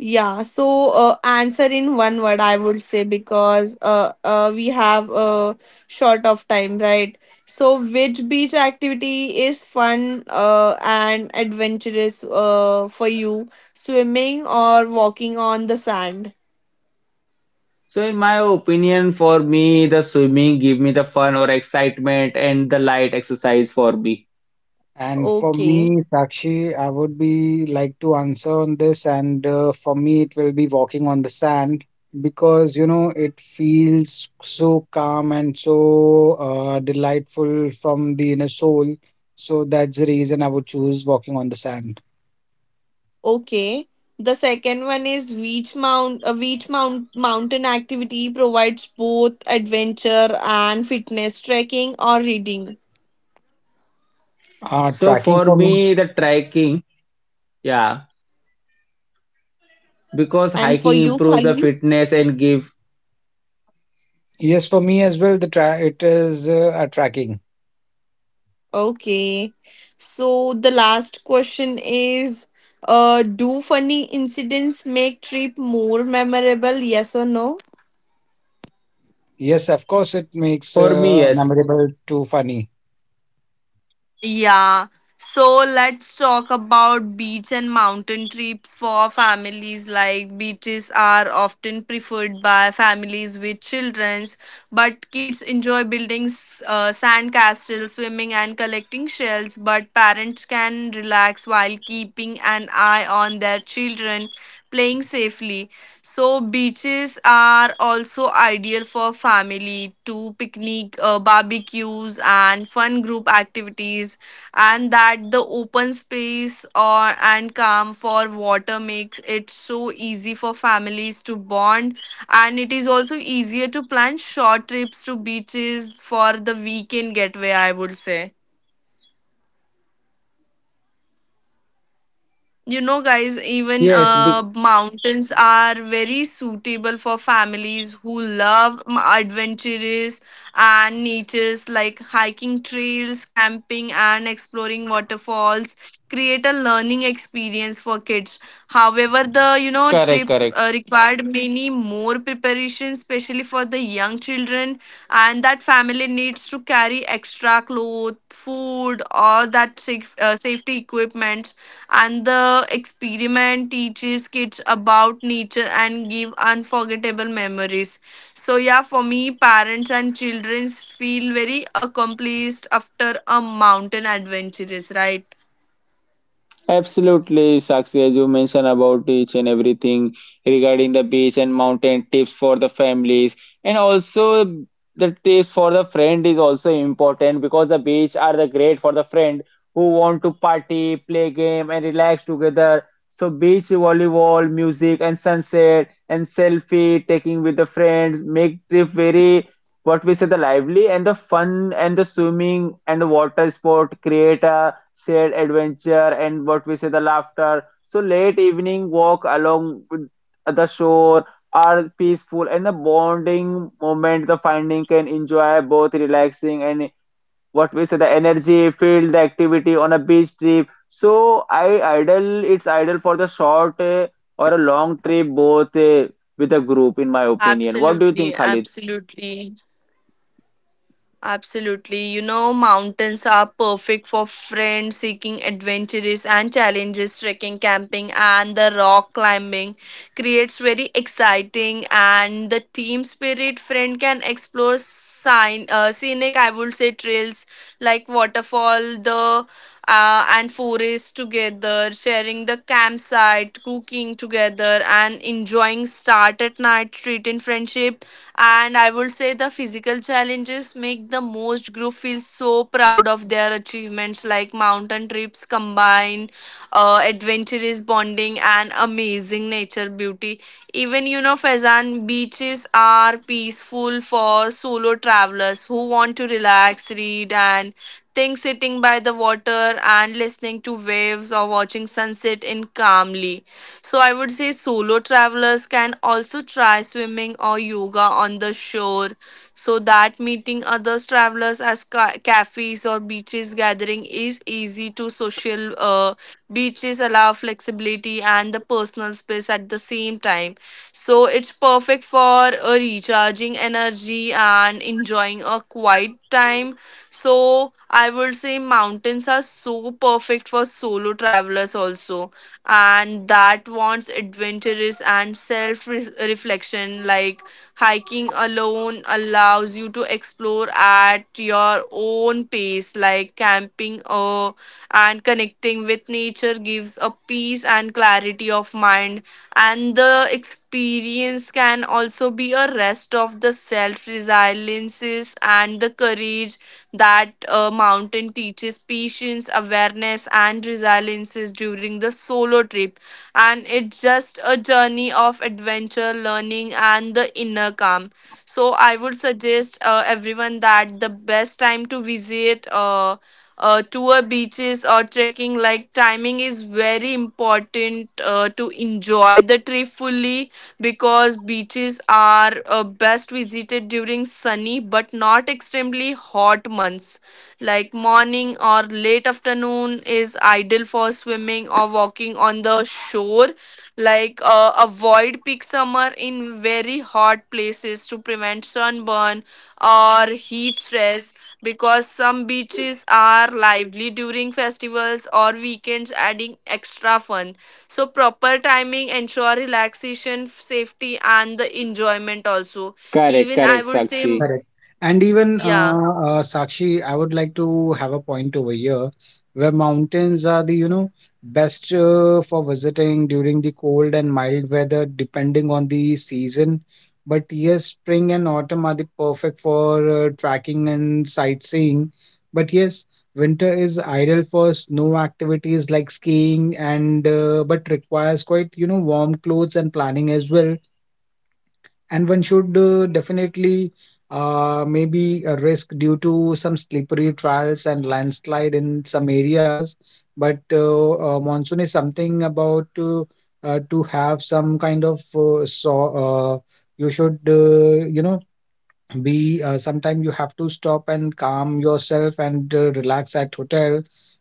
[SPEAKER 3] Yeah, so answer in one word, I would say, because we have short of time, right? So, which beach activity is fun and adventurous for you? Swimming or walking on the sand?
[SPEAKER 1] So in my opinion, for me, the swimming give me the fun or excitement and the light exercise for me.
[SPEAKER 2] And for
[SPEAKER 3] Okay.
[SPEAKER 2] me, Sakshi, I would be like to answer on this. And for me, it will be walking on the sand because, you know, it feels so calm and so delightful from the inner soul. So that's the reason I would choose walking on the sand.
[SPEAKER 3] Okay. The second one is Veach Mount. A Veach Mount mountain activity provides both adventure and fitness, trekking or reading.
[SPEAKER 1] So for
[SPEAKER 2] Tracking for me.
[SPEAKER 1] me, the trekking, yeah, because
[SPEAKER 3] And for
[SPEAKER 1] hiking
[SPEAKER 3] you,
[SPEAKER 1] improves the
[SPEAKER 3] Khalid?
[SPEAKER 1] fitness and give
[SPEAKER 2] Yes, for me as well, the tra it is a tracking.
[SPEAKER 3] Okay. So the last question is, do funny incidents make trip more memorable? Yes or no?
[SPEAKER 2] Yes, of course, it makes
[SPEAKER 1] for me, yes,
[SPEAKER 2] memorable to funny.
[SPEAKER 3] Yeah. So let's talk about beach and mountain trips for families. Like beaches are often preferred by families with childrens, but kids enjoy building sand castles, swimming, and collecting shells. But parents can relax while keeping an eye on their children playing safely. So beaches are also ideal for family to picnic, barbecues, and fun group activities. And that the open space or and calm for water makes it so easy for families to bond. And it is also easier to plan short trips to beaches for the weekend getaway, I would say. You know, guys, even
[SPEAKER 1] yes, be-
[SPEAKER 3] mountains are very suitable for families who love adventurous and natures like hiking trails, camping, and exploring waterfalls. Create a learning experience for kids. However, the you know
[SPEAKER 1] correct,
[SPEAKER 3] trips
[SPEAKER 1] correct.
[SPEAKER 3] required many more preparation, especially for the young children, and that family needs to carry extra clothes, food, all that safe, safety equipment. And the experiment teaches kids about nature and give unforgettable memories. So yeah, for me, parents and children feel very accomplished after a mountain adventure, is right?
[SPEAKER 1] Absolutely, Sakshi, as you mentioned about each and everything regarding the beach and mountain tips for the families, and also the tips for the friend is also important because the beach are the great for the friend who want to party, play game, and relax together. So beach volleyball, music, and sunset, and selfie taking with the friends make trip very what we say the lively and the fun and the swimming and the water sport create a shared adventure and what we say the laughter. So late evening walk along with the shore are peaceful and the bonding moment the finding can enjoy both relaxing and what we say the energy field the activity on a beach trip. So I idle it's idle for the short or a long trip both with a group in my opinion. What do you
[SPEAKER 3] Absolutely,
[SPEAKER 1] think, Khalid?
[SPEAKER 3] absolutely. Absolutely. You know, mountains are perfect for friends seeking adventures and challenges. Trekking, camping, and the rock climbing creates very exciting and the team spirit. Friend can explore scenic, I would say, trails like waterfall, the and forest together, sharing the campsite, cooking together, and enjoying start at night street in friendship, and I would say the physical challenges make the most group feel so proud of their achievements. Like mountain trips combine adventurous bonding and amazing nature beauty. Even you know fazan beaches are peaceful for solo travelers who want to relax, read, and think, sitting by the water and listening to waves or watching sunset in calmly. So I would say solo travelers can also try swimming or yoga on the shore. So that meeting other travelers as cafes or beaches gathering is easy to social, beaches allow flexibility and the personal space at the same time. So it's perfect for recharging energy and enjoying a quiet time. So I would say mountains are so perfect for solo travelers also, and that wants adventurous and self reflection. Like hiking alone allows you to explore at your own pace, like camping and connecting with nature gives a peace and clarity of mind, and the experience can also be a rest of the self resiliences and the courage. That mountain teaches patience, awareness, and resiliences during the solo trip. And it's just a journey of adventure, learning, and the inner calm. So I would suggest everyone that the best time to visit. Tour beaches or trekking like timing is very important to enjoy the trip fully, because beaches are best visited during sunny but not extremely hot months. Like morning or late afternoon is ideal for swimming or walking on the shore. Like avoid peak summer in very hot places to prevent sunburn or heat stress, because some beaches are lively during festivals or weekends, adding extra fun. So proper timing ensure relaxation, safety, and the enjoyment also.
[SPEAKER 1] Correct,
[SPEAKER 3] Even I
[SPEAKER 1] correct,
[SPEAKER 3] would say,
[SPEAKER 1] Sakshi.
[SPEAKER 2] Correct. And even
[SPEAKER 3] yeah.
[SPEAKER 2] Sakshi, I would like to have a point over here where mountains are the, you know, best for visiting during the cold and mild weather, depending on the season. But yes, spring and autumn are the perfect for trekking and sightseeing. But yes, winter is ideal for snow activities like skiing and but requires quite, you know, warm clothes and planning as well, and one should definitely maybe risk due to some slippery trials and landslide in some areas. But monsoon is something about to have some kind of uh, you should you know be sometimes you have to stop and calm yourself and relax at hotel.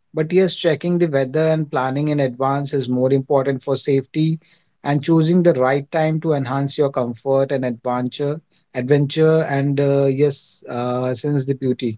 [SPEAKER 2] But yes, checking the weather and planning in advance is more important for safety, and choosing the right time to enhance your comfort and adventure. And yes, sense the beauty.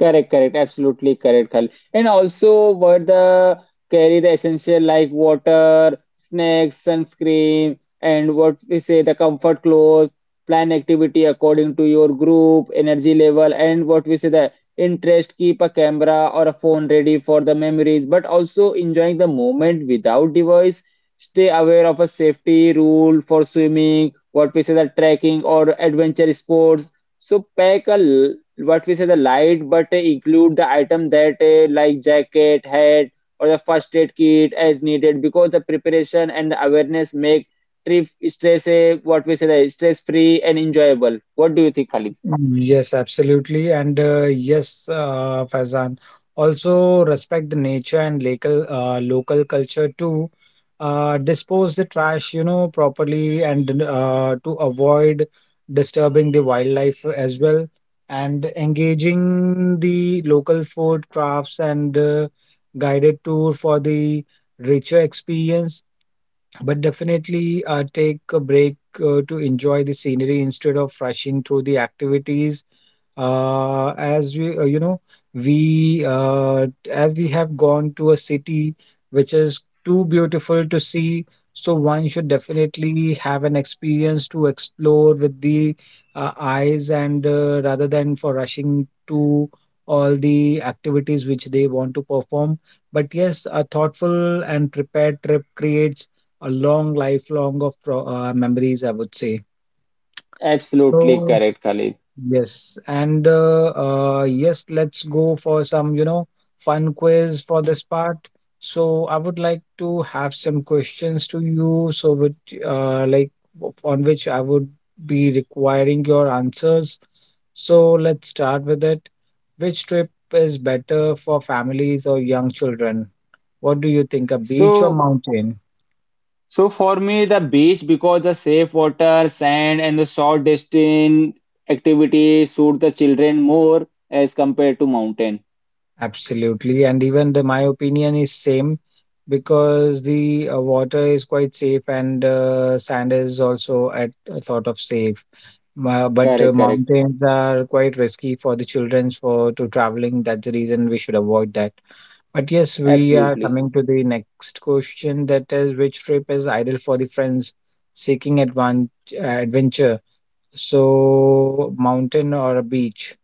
[SPEAKER 1] Correct, correct, absolutely correct, Khal. And also, what the carry the essential like water, snacks, sunscreen, and what we say the comfort clothes. Plan activity according to your group, energy level, and what we say the interest. Keep a camera or a phone ready for the memories, but also enjoying the moment without device. Stay aware of a safety rule for swimming. What we say the trekking or adventure sports. So pack a what we say the light but include the item that like jacket hat or the first aid kit as needed because the preparation and the awareness make trip stress what we say the stress free and enjoyable. What do you think, Khalid?
[SPEAKER 2] Yes, absolutely. And yes, Faizan, also respect the nature and local culture too. Dispose the trash, you know, properly and to avoid disturbing the wildlife as well. And engaging the local food crafts and guided tour for the richer experience. But definitely take a break to enjoy the scenery instead of rushing through the activities, as we you know we as we have gone to a city which is too beautiful to see. So one should definitely have an experience to explore with the eyes and rather than for rushing to all the activities which they want to perform. But yes, a thoughtful and prepared trip creates a long lifelong of memories, I would say.
[SPEAKER 1] Absolutely
[SPEAKER 2] So
[SPEAKER 1] correct, Khalid.
[SPEAKER 2] yes, and yes, let's go for some, you know, fun quiz for this part. So I would like to have some questions to you, so uh, like, on which I would be requiring your answers. So let's start with it. Which trip is better for families or young children? What do you think, a beach or
[SPEAKER 1] So,
[SPEAKER 2] mountain?
[SPEAKER 1] so for me, the beach because the safe water, sand, and the short distance activity suit the children more as compared to mountain.
[SPEAKER 2] Absolutely. And even the my opinion is same because the water is quite safe and sand is also at a sort of safe. But
[SPEAKER 1] Correct, correct.
[SPEAKER 2] mountains are quite risky for the children for to traveling. That's the reason we should avoid that. But yes, we are
[SPEAKER 1] Absolutely.
[SPEAKER 2] coming to the next question, that is, which trip is ideal for the friends seeking adventure? So mountain or a beach?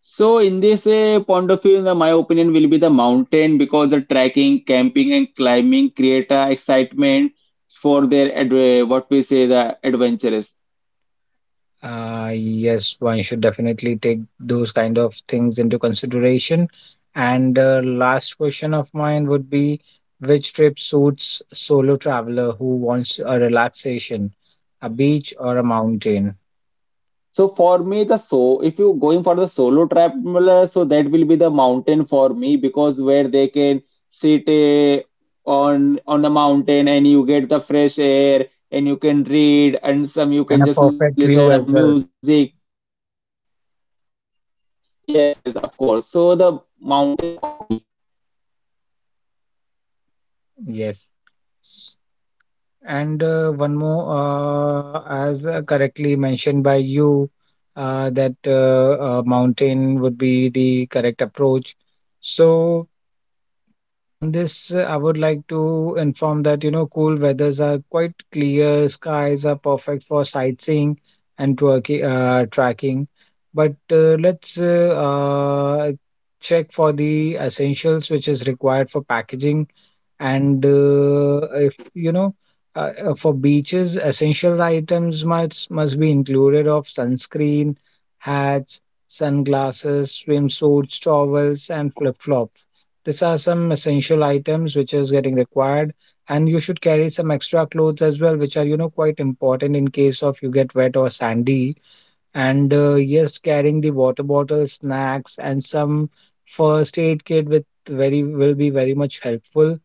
[SPEAKER 1] So in this point of view, in my opinion will be the mountain because the trekking, camping, and climbing create excitement for their ad what we say the adventurous.
[SPEAKER 2] Yes, one should definitely take those kind of things into consideration. And last question of mine would be which trip suits solo traveler who wants a relaxation, a beach or a mountain,
[SPEAKER 1] So if you going for the solo traveler, so that will be the mountain for me because where they can sit on the mountain and you get the fresh air and you can read and some you
[SPEAKER 2] and
[SPEAKER 1] can
[SPEAKER 2] a
[SPEAKER 1] just listen to
[SPEAKER 2] perfect view as
[SPEAKER 1] music.
[SPEAKER 2] well.
[SPEAKER 1] Yes, yes, of course. So the mountain for me.
[SPEAKER 2] Yes. And one more, as correctly mentioned by you, that mountain would be the correct approach. So on this, I would like to inform that, you know, cool weathers are quite clear, skies are perfect for sightseeing and tracking. But let's check for the essentials which is required for packaging, and if you know, for beaches, essential items must be included of sunscreen, hats, sunglasses, swimsuits, towels, and flip-flops. These are some essential items which is getting required, and you should carry some extra clothes as well, which are you know quite important in case of you get wet or sandy. And yes, carrying the water bottle, snacks, and some first aid kit with very will be very much helpful.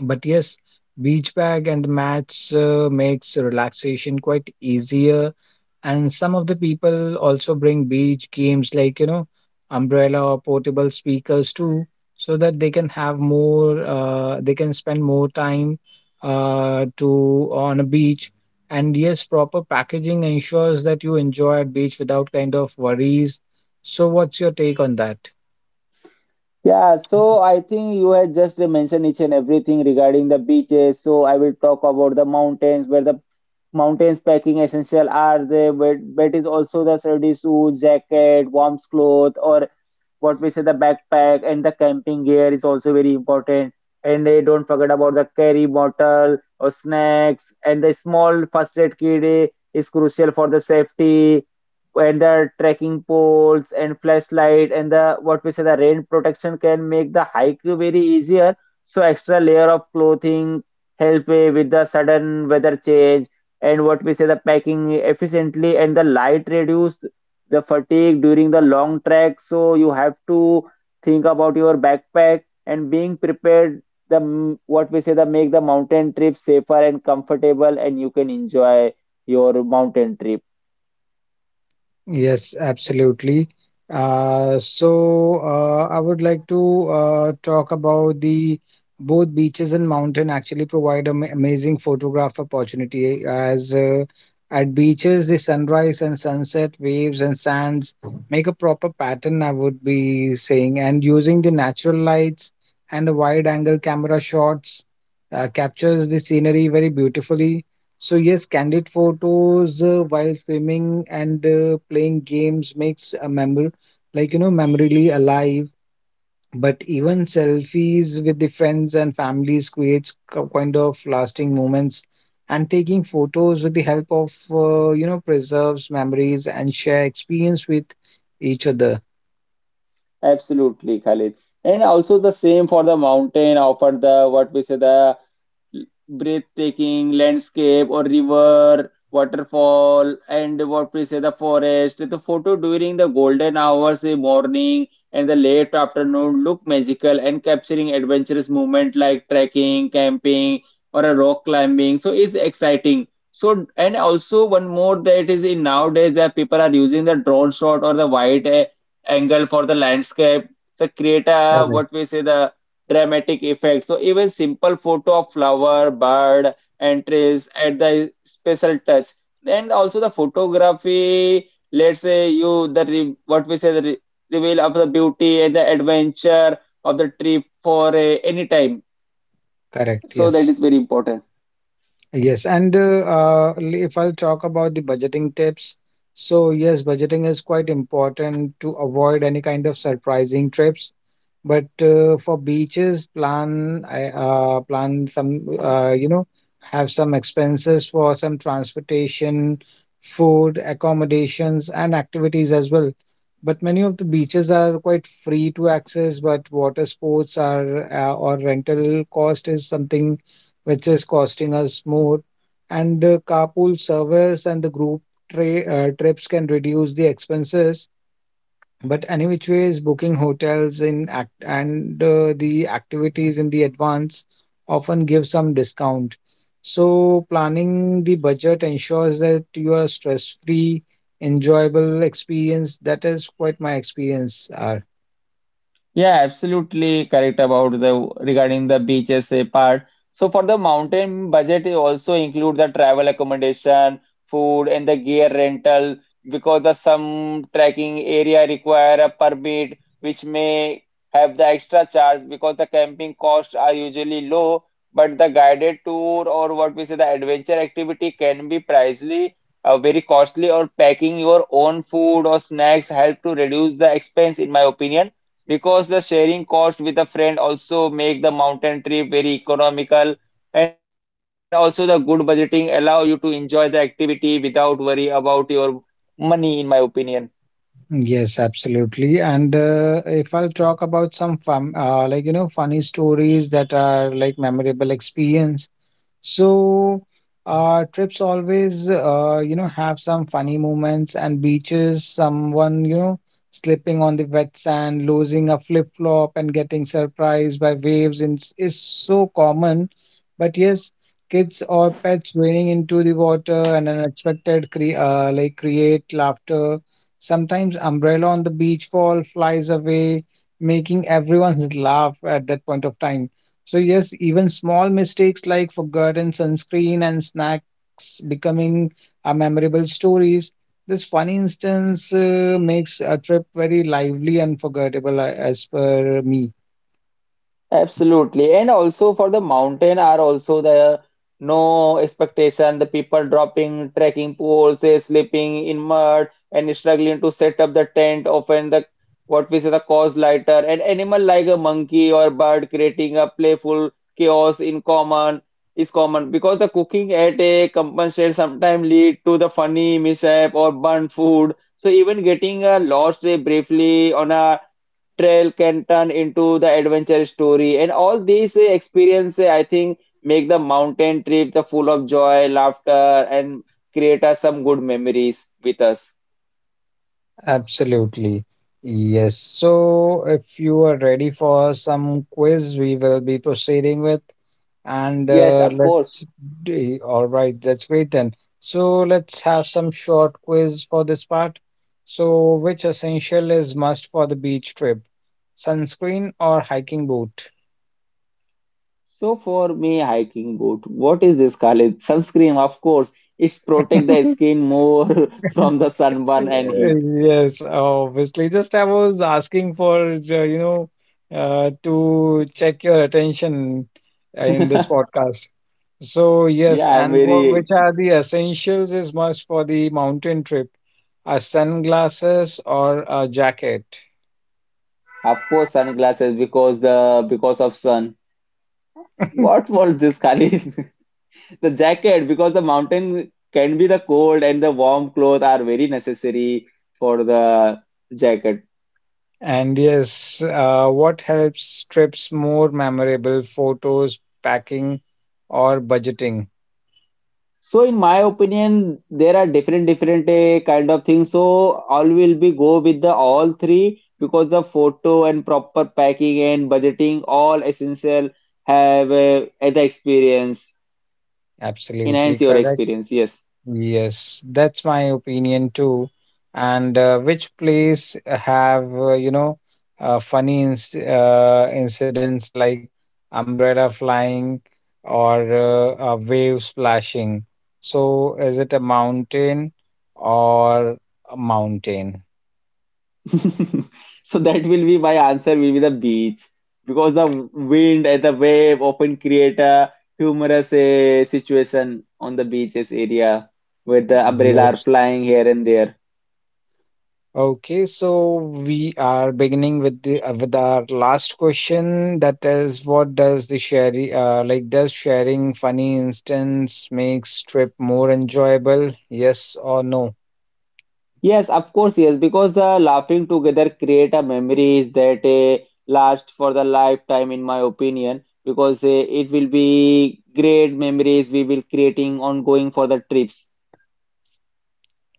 [SPEAKER 2] But yes, beach bag and the mats makes relaxation quite easier. And some of the people also bring beach games like, you know, umbrella or portable speakers too, so that they can have more, they can spend more time to on a beach. And yes, proper packaging ensures that you enjoy at beach without kind of worries. So what's your take on that?
[SPEAKER 1] Yeah, so I think you had just mentioned each and everything regarding the beaches. So I will talk about the mountains, where the mountains packing essential are there, but is also the sturdy suit, jacket, warm cloth, or what we say the backpack and the camping gear is also very important. And they don't forget about the carry bottle or snacks and the small first aid kit is crucial for the safety and the trekking poles and flashlight and the what we say the rain protection can make the hike very easier, so extra layer of clothing help with the sudden weather change, and what we say the packing efficiently and the light reduce the fatigue during the long trek. So you have to think about your backpack and being prepared, what we say the make the mountain trip safer and comfortable, and you can enjoy your mountain trip.
[SPEAKER 2] Yes, absolutely. So I would like to talk about the both beaches and mountain actually provide an amazing photograph opportunity as at beaches the sunrise and sunset waves and sands make a proper pattern, I would be saying, and using the natural lights and the wide angle camera shots captures the scenery very beautifully. So yes, candid photos while swimming and playing games makes a memory, like you know, memorily alive. But even selfies with the friends and families creates kind of lasting moments. And taking photos with the help of you know preserves memories and share experience with each other.
[SPEAKER 1] Absolutely, Khalid. And also the same for the mountain, or for the what we say the breathtaking landscape or river, waterfall, and what we say the forest. The photo during the golden hours, the morning and the late afternoon look magical, and capturing adventurous movement like trekking, camping, or a rock climbing. So it's exciting. So, and also one more, that is in nowadays that people are using the drone shot or the wide angle for the landscape. So create a
[SPEAKER 2] Correct.
[SPEAKER 1] what we say the dramatic effect. So even simple photo of flower, bird, and trees add the special touch. And also the photography, let's say you what we say reveal of the beauty and the adventure of the trip for any time.
[SPEAKER 2] Correct.
[SPEAKER 1] So that
[SPEAKER 2] Yes.
[SPEAKER 1] is very important.
[SPEAKER 2] Yes, and if I'll talk about the budgeting tips, so yes, budgeting is quite important to avoid any kind of surprising trips. But for beaches, plan some you know have some expenses for some transportation, food, accommodations, and activities as well. But many of the beaches are quite free to access, but water sports are or rental cost is something which is costing us more. And the carpool service and the group trips can reduce the expenses. But any which ways, booking hotels in act and the activities in the advance often give some discount. So planning the budget ensures that you are stress-free, enjoyable experience. That is quite my experience. R.
[SPEAKER 1] Yeah, absolutely correct about the regarding the beaches part. So for the mountain budget, it also include the travel accommodation, food, and the gear rental because the some trekking area require a permit, which may have the extra charge. Because the camping costs are usually low, but the guided tour or what we say the adventure activity can be pricely, very costly, or packing your own food or snacks help to reduce the expense, in my opinion, because the sharing cost with a friend also make the mountain trip very economical. And also the good budgeting allow you to enjoy the activity without worry about your money, in my opinion.
[SPEAKER 2] Yes, absolutely. And if I'll talk about some fun, like you know, funny stories that are like memorable experience. So, trips always, you know, have some funny moments and beaches, someone, you know, slipping on the wet sand, losing a flip-flop and getting surprised by waves in, is so common. But yes, kids or pets wading into the water and unexpected cre like create laughter. Sometimes umbrella on the beach fall flies away, making everyone [LAUGHS] laugh at that point of time. So yes, even small mistakes like forgotten sunscreen and snacks becoming a memorable stories. This funny instance makes a trip very lively and forgettable as per me.
[SPEAKER 1] Absolutely. And also for the mountain are also there no expectation. The people dropping trekking poles, they sleeping in mud and struggling to set up the tent, often the what we say the cause lighter, and animal like a monkey or bird creating a playful chaos in common is common, because the cooking at a compensate sometimes lead to the funny mishap or burnt food. So even getting a lost day briefly on a trail can turn into the adventure story. And all these experience, I think, make the mountain trip the full of joy, laughter, and create us some good memories with us.
[SPEAKER 2] Absolutely. Yes. So if you are ready for some quiz, we will be proceeding with. And
[SPEAKER 1] Yes,
[SPEAKER 2] uh,
[SPEAKER 1] of
[SPEAKER 2] let's
[SPEAKER 1] course.
[SPEAKER 2] all right, let's wait then. So let's have some short quiz for this part. So, which essential is must for the beach trip? Sunscreen or hiking boot?
[SPEAKER 1] So for me, hiking boot. What is this, Khalid? Sunscreen, of course. It's protect the
[SPEAKER 2] [LAUGHS]
[SPEAKER 1] skin more [LAUGHS] from the sunburn and
[SPEAKER 2] Uh,
[SPEAKER 1] heat.
[SPEAKER 2] Yes, obviously. Just I was asking for, you know, to check your attention in this
[SPEAKER 1] [LAUGHS]
[SPEAKER 2] podcast. So, yes,
[SPEAKER 1] Yeah, I'm
[SPEAKER 2] and what,
[SPEAKER 1] very,
[SPEAKER 2] which are the essentials is must for the mountain trip? A sunglasses or a jacket?
[SPEAKER 1] of course, sunglasses because the because of sun. What
[SPEAKER 2] [LAUGHS]
[SPEAKER 1] was this, Khalid? [LAUGHS] The jacket, because the mountain can be the cold and the warm clothes are very necessary for the jacket.
[SPEAKER 2] And yes, what helps trips more memorable? Photos, packing, or budgeting?
[SPEAKER 1] So in my opinion, there are different different kind of things. So all will be go with the all three because the photo and proper packing and budgeting all essential have the experience
[SPEAKER 2] Absolutely
[SPEAKER 1] enhance your
[SPEAKER 2] correct.
[SPEAKER 1] experience. Yes.
[SPEAKER 2] Yes, that's my opinion too. And which place have, you know, funny inc incidents like umbrella flying or a wave splashing? So is it a mountain or a mountain?
[SPEAKER 1] [LAUGHS] So that will be my answer will be the beach because the wind and the wave often create a humorous situation on the beaches area, where the umbrella are
[SPEAKER 2] Yes.
[SPEAKER 1] flying here and there.
[SPEAKER 2] Okay, so we are beginning with the with our last question. That is, what does the sharing like does sharing funny instance makes trip more enjoyable? Yes or no?
[SPEAKER 1] Yes, of course, yes, because the laughing together create a memories that last for the lifetime, in my opinion, because it will be great memories we will creating ongoing for the trips.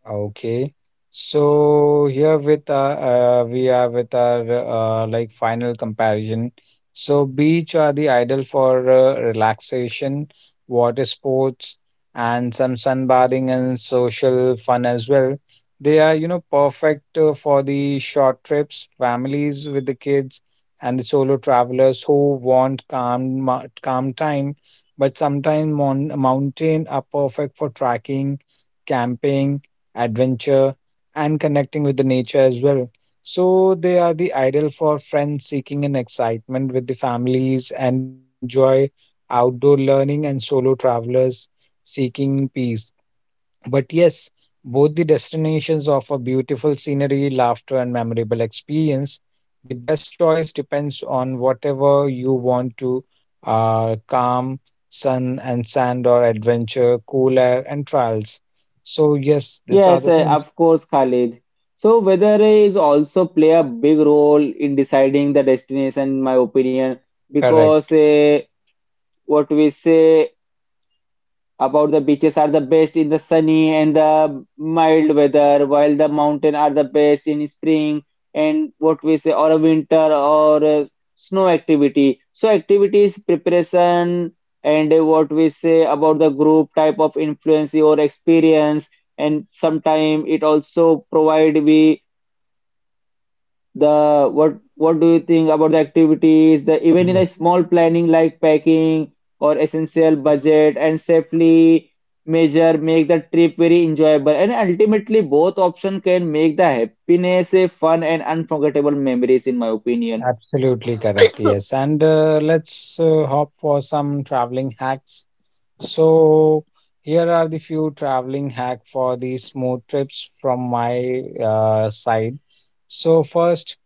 [SPEAKER 2] Okay. So here with we are with our like final comparison. So beach are the ideal for relaxation, water sports, and some sunbathing and social fun as well. They are, you know, perfect for the short trips, families with the kids, and the solo travelers who want calm time. But sometimes mon mountain are perfect for trekking, camping adventure, and connecting with the nature as well. So they are the ideal for friends seeking an excitement with the families and who enjoy outdoor learning and solo travelers seeking peace. But yes, both the destinations offer beautiful scenery, laughter, and memorable experience. The best choice depends on whatever you want to calm, sun and sand, or adventure, cool air, and trials. So, yes, these are
[SPEAKER 1] Yes,
[SPEAKER 2] the things.
[SPEAKER 1] of course, Khalid. So weather is also play a big role in deciding the destination, in my opinion, because
[SPEAKER 2] Correct.
[SPEAKER 1] what we say about the beaches are the best in the sunny and the mild weather, while the mountain are the best in spring and what we say or a winter or a snow activity. So activities preparation and what we say about the group type of influence or experience, and sometime it also provide we the what do you think about the activities the even in the
[SPEAKER 2] Yes,
[SPEAKER 1] small planning like packing or essential budget and safely measure make the trip very enjoyable, and ultimately both option can make the happiness a fun and unforgettable memories, in my opinion.
[SPEAKER 2] absolutely correct. Yes. And let's hop for some traveling hacks. So here are the few traveling hack for the smooth trips from my side. So first,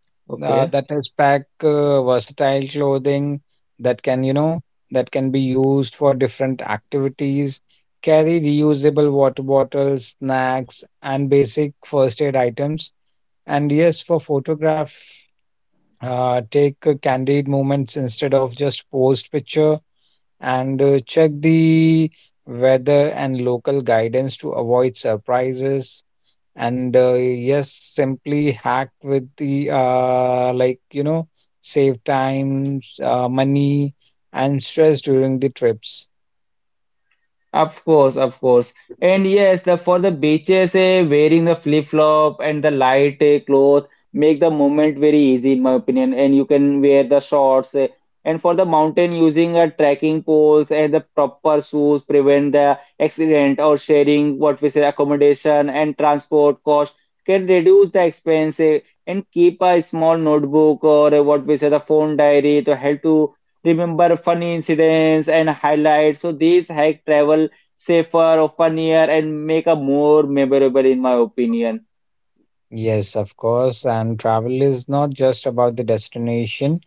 [SPEAKER 2] that is pack versatile clothing that can, you know, that can be used for different activities. Carry reusable water bottles, snacks, and basic first aid items. And yes, for photograph, take candid moments instead of just post picture and check the weather and local guidance to avoid surprises. Simply hack with the save times, money, and stress during the trips.
[SPEAKER 1] Of course, of course. And yes, the for the beaches, wearing the flip-flop and the light cloth make the movement very easy, in my opinion. And you can wear the shorts. Eh. And for the mountain, using a trekking poles and the proper shoes prevent the accident, or sharing what we say accommodation and transport cost can reduce the expense And keep a small notebook or what we say the phone diary to help to remember funny incidents and highlights. So these help travel safer, funnier, and make a more memorable, in my opinion.
[SPEAKER 2] Yes, of course. And travel is not just about the destination,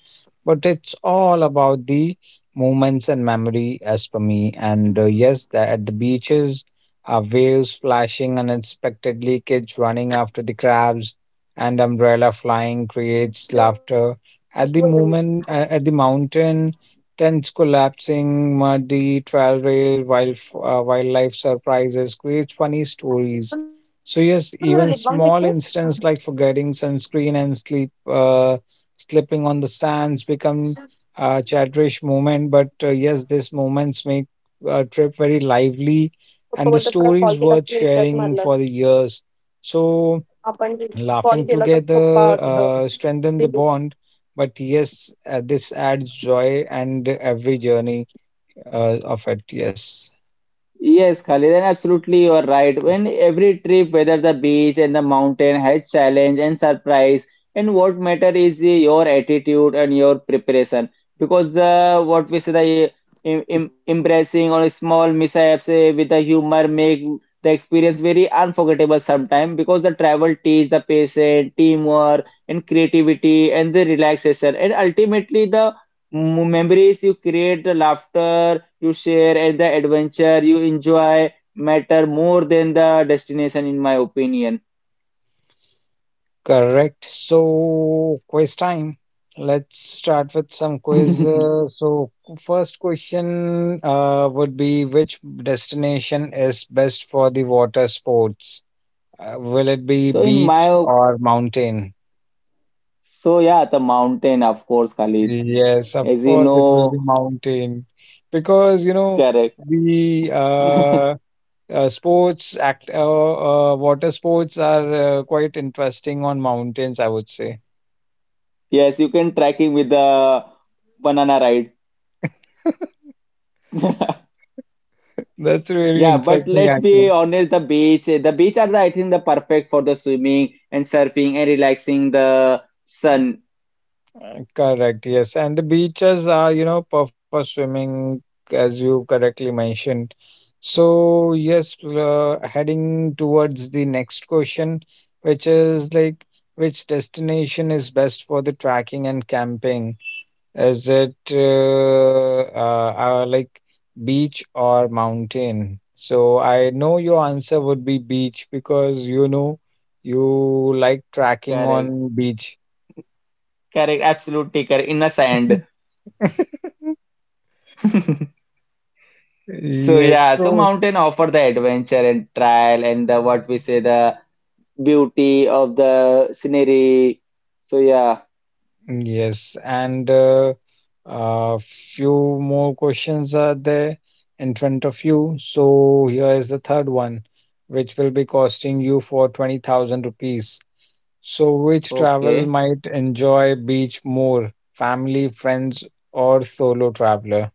[SPEAKER 2] but it's all about the moments and memory, as per me. The, at the beaches, waves splashing unexpectedly, kids running after the crabs, and umbrella flying creates laughter. At the moment, at the mountain, tents collapsing, muddy trail rail, wildlife surprises creates funny stories. So yes, even small incidents like forgetting sunscreen and slipping on the sands become a cherished moment. But yes, these moments make a trip very lively, and the story is worth sharing for the years. So laughing together strengthen the bond. But yes, this adds joy and every journey of it. Yes.
[SPEAKER 1] Yes, Khalid, and absolutely you are right. When every trip, whether the beach and the mountain, has challenge and surprise, and what matter is your attitude and your preparation. Because the what we say the embracing or small mishaps with the humor make the experience very unforgettable sometimes. Because the travel teach the patient teamwork and creativity and the relaxation, and ultimately the memories you create, the laughter you share, and the adventure you enjoy matter more than the destination, in my opinion.
[SPEAKER 2] Correct. So, quiz time. Let's start with some quiz.
[SPEAKER 1] [LAUGHS]
[SPEAKER 2] First question would be, which destination is best for the water sports? Will it be
[SPEAKER 1] So in
[SPEAKER 2] beach
[SPEAKER 1] my op-
[SPEAKER 2] or mountain?
[SPEAKER 1] so yeah, the mountain, of course, Khalid.
[SPEAKER 2] Yes, of
[SPEAKER 1] As you
[SPEAKER 2] course, it will be
[SPEAKER 1] know,
[SPEAKER 2] mountain because you know
[SPEAKER 1] correct.
[SPEAKER 2] the
[SPEAKER 1] [LAUGHS]
[SPEAKER 2] sports act water sports are quite interesting on mountains, I would say.
[SPEAKER 1] Yes, you can trekking with the banana ride. [LAUGHS]
[SPEAKER 2] That's really
[SPEAKER 1] Yeah, but
[SPEAKER 2] interesting,
[SPEAKER 1] let's be
[SPEAKER 2] actually.
[SPEAKER 1] honest, the beach are the, I think the perfect for the swimming and surfing and relaxing the sun.
[SPEAKER 2] Correct, yes. And the beaches are, you know, perfect for swimming, as you correctly mentioned. So, yes, heading towards the next question, which is like, which destination is best for the trekking and camping? Is it like beach or mountain? So, I know your answer would be beach because you know you like trekking
[SPEAKER 1] Correct,
[SPEAKER 2] on beach.
[SPEAKER 1] correct, absolutely correct. In the sand.
[SPEAKER 2] [LAUGHS]
[SPEAKER 1] [LAUGHS] So
[SPEAKER 2] Yes,
[SPEAKER 1] yeah, so
[SPEAKER 2] so
[SPEAKER 1] mountain offer the adventure and trial and the what we say the beauty of the scenery. So yeah,
[SPEAKER 2] yes, and uh, few more questions are there in front of you. So here is the third one, which will be costing you for 20,000 rupees. So which travel
[SPEAKER 1] okay.
[SPEAKER 2] might enjoy beach more, family, friends, or solo traveler?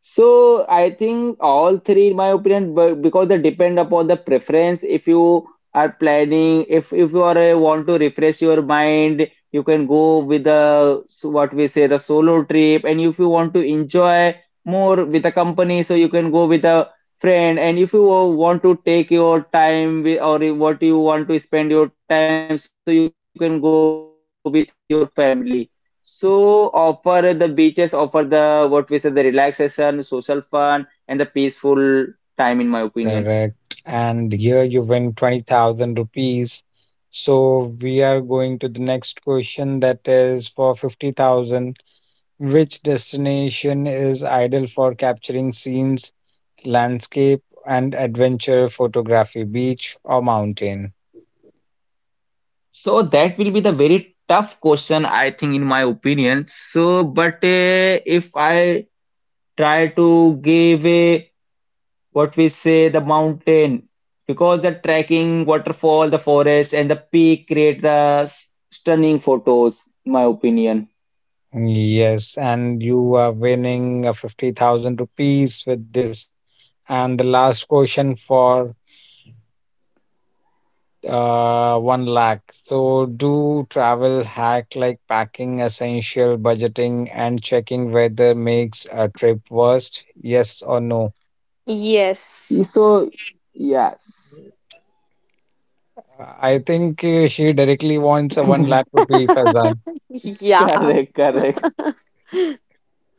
[SPEAKER 1] So I think all three, in my opinion, but because they depend upon the preference. If you are planning, if you are want to refresh your mind, you can go with the so what we say the solo trip, and if you want to enjoy more with a company, so you can go with a friend. And if you want to take your time with, or you- what you want to spend your time, so you can go with your family. So offer the beaches, offer the what we say the relaxation, social fun and the peaceful time, in my opinion.
[SPEAKER 2] Correct. And here you win 20,000 rupees. So we are going to the next question that is for 50,000. Which destination is ideal for capturing scenes, landscape, and adventure photography, beach or mountain?
[SPEAKER 1] So that will be the very tough question I think, in my opinion, so but if I try to give a what we say the mountain, because the trekking waterfall the forest and the peak create the stunning photos, in my opinion.
[SPEAKER 2] Yes, and you are winning 50,000 rupees with this. And the last question for 1 lakh. So, do travel hack like packing essential, budgeting, and checking weather makes a trip worst? Yes or no?
[SPEAKER 3] Yes.
[SPEAKER 1] So yes.
[SPEAKER 2] I think she directly wants a
[SPEAKER 1] [LAUGHS]
[SPEAKER 2] 1 lakh rupee, Fazan.
[SPEAKER 3] Yeah.
[SPEAKER 1] Correct, correct.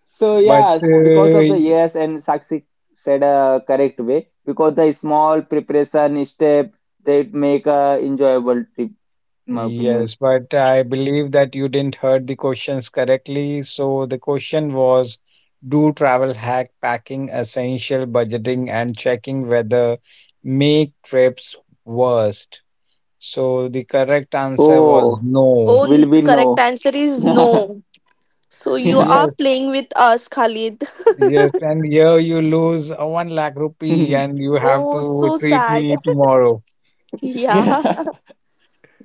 [SPEAKER 1] So
[SPEAKER 2] But
[SPEAKER 1] yes, because of the
[SPEAKER 2] uh,
[SPEAKER 1] yes, and Sakshi said a correct way because the small preparation step they make a enjoyable trip, in my opinion.
[SPEAKER 2] yes, but I believe that you didn't heard the questions correctly. So the question was, do travel hack packing essential budgeting and checking whether make trips worst? So the correct answer was
[SPEAKER 1] Oh,
[SPEAKER 2] no.
[SPEAKER 3] Oh,
[SPEAKER 1] will we
[SPEAKER 3] correct
[SPEAKER 1] know?
[SPEAKER 3] answer is
[SPEAKER 1] [LAUGHS]
[SPEAKER 3] no. So you are
[SPEAKER 2] Yes,
[SPEAKER 3] playing with us, Khalid.
[SPEAKER 2] yes, and here you lose a one lakh rupee and you have
[SPEAKER 3] Oh,
[SPEAKER 2] to
[SPEAKER 3] so
[SPEAKER 2] treat
[SPEAKER 3] sad.
[SPEAKER 2] me tomorrow.
[SPEAKER 3] [LAUGHS] Yeah.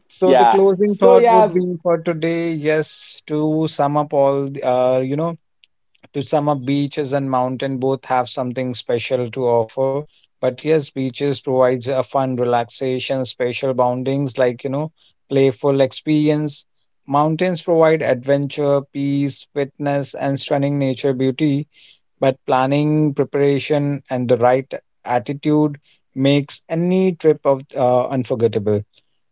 [SPEAKER 2] So the
[SPEAKER 1] Yeah.
[SPEAKER 2] closing
[SPEAKER 1] So
[SPEAKER 2] thought would
[SPEAKER 1] yeah,
[SPEAKER 2] be for today, yes, to sum up all, to sum up, beaches and mountain both have something special to offer. But yes, beaches provides a fun relaxation, special boundings, playful experience. Mountains provide adventure, peace, fitness, and stunning nature beauty. But planning, preparation, and the right attitude makes any trip of unforgettable.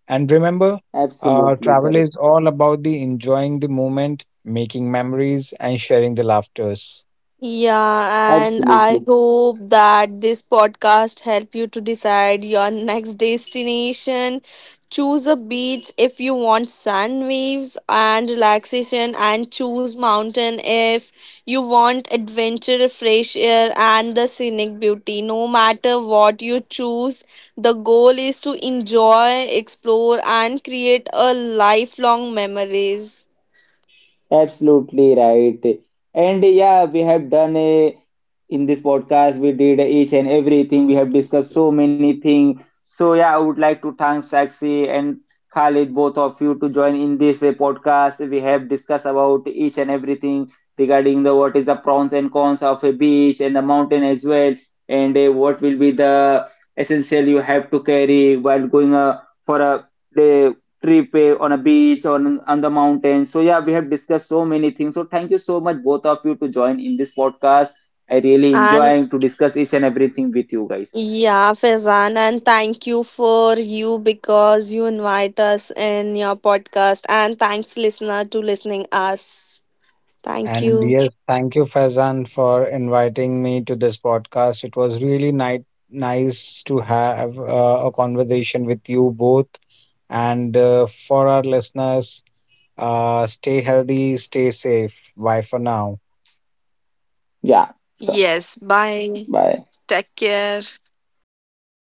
[SPEAKER 2] And remember,
[SPEAKER 1] absolutely
[SPEAKER 2] travel is
[SPEAKER 1] correct.
[SPEAKER 2] all about the enjoying the moment, making memories, and sharing the laughters.
[SPEAKER 3] Yeah, and I
[SPEAKER 1] Absolutely.
[SPEAKER 3] hope that this podcast help you to decide your next destination. Choose a beach if you want sun waves and relaxation, and choose mountain if you want adventure, fresh air, and the scenic beauty. No matter what you choose, the goal is to enjoy, explore, and create a lifelong memories.
[SPEAKER 1] Absolutely right. And yeah, we have done a in this podcast, we did each and everything. We have discussed so many things. So yeah, I would like to thank Saksi and Khalid, both of you, to join in this podcast. We have discussed about each and everything regarding the what is the pros and cons of a beach and the mountain as well, and what will be the essential you have to carry while going for a day trip on a beach or on the mountain. So yeah, we have discussed so many things. So thank you so much both of you to join in this podcast. I really
[SPEAKER 3] And
[SPEAKER 1] enjoying to discuss each and everything with you guys.
[SPEAKER 3] yeah, Faizan, and thank you for you because you invite us in your podcast. And thanks, listener, to listening us. Thank
[SPEAKER 2] And
[SPEAKER 3] you.
[SPEAKER 2] yes, thank you, Faizan, for inviting me to this podcast. It was really nice to have a conversation with you both. And for our listeners, stay healthy, stay safe. Bye for now.
[SPEAKER 3] Yes,
[SPEAKER 1] Yeah. So
[SPEAKER 3] bye. Take
[SPEAKER 1] bye.
[SPEAKER 3] care.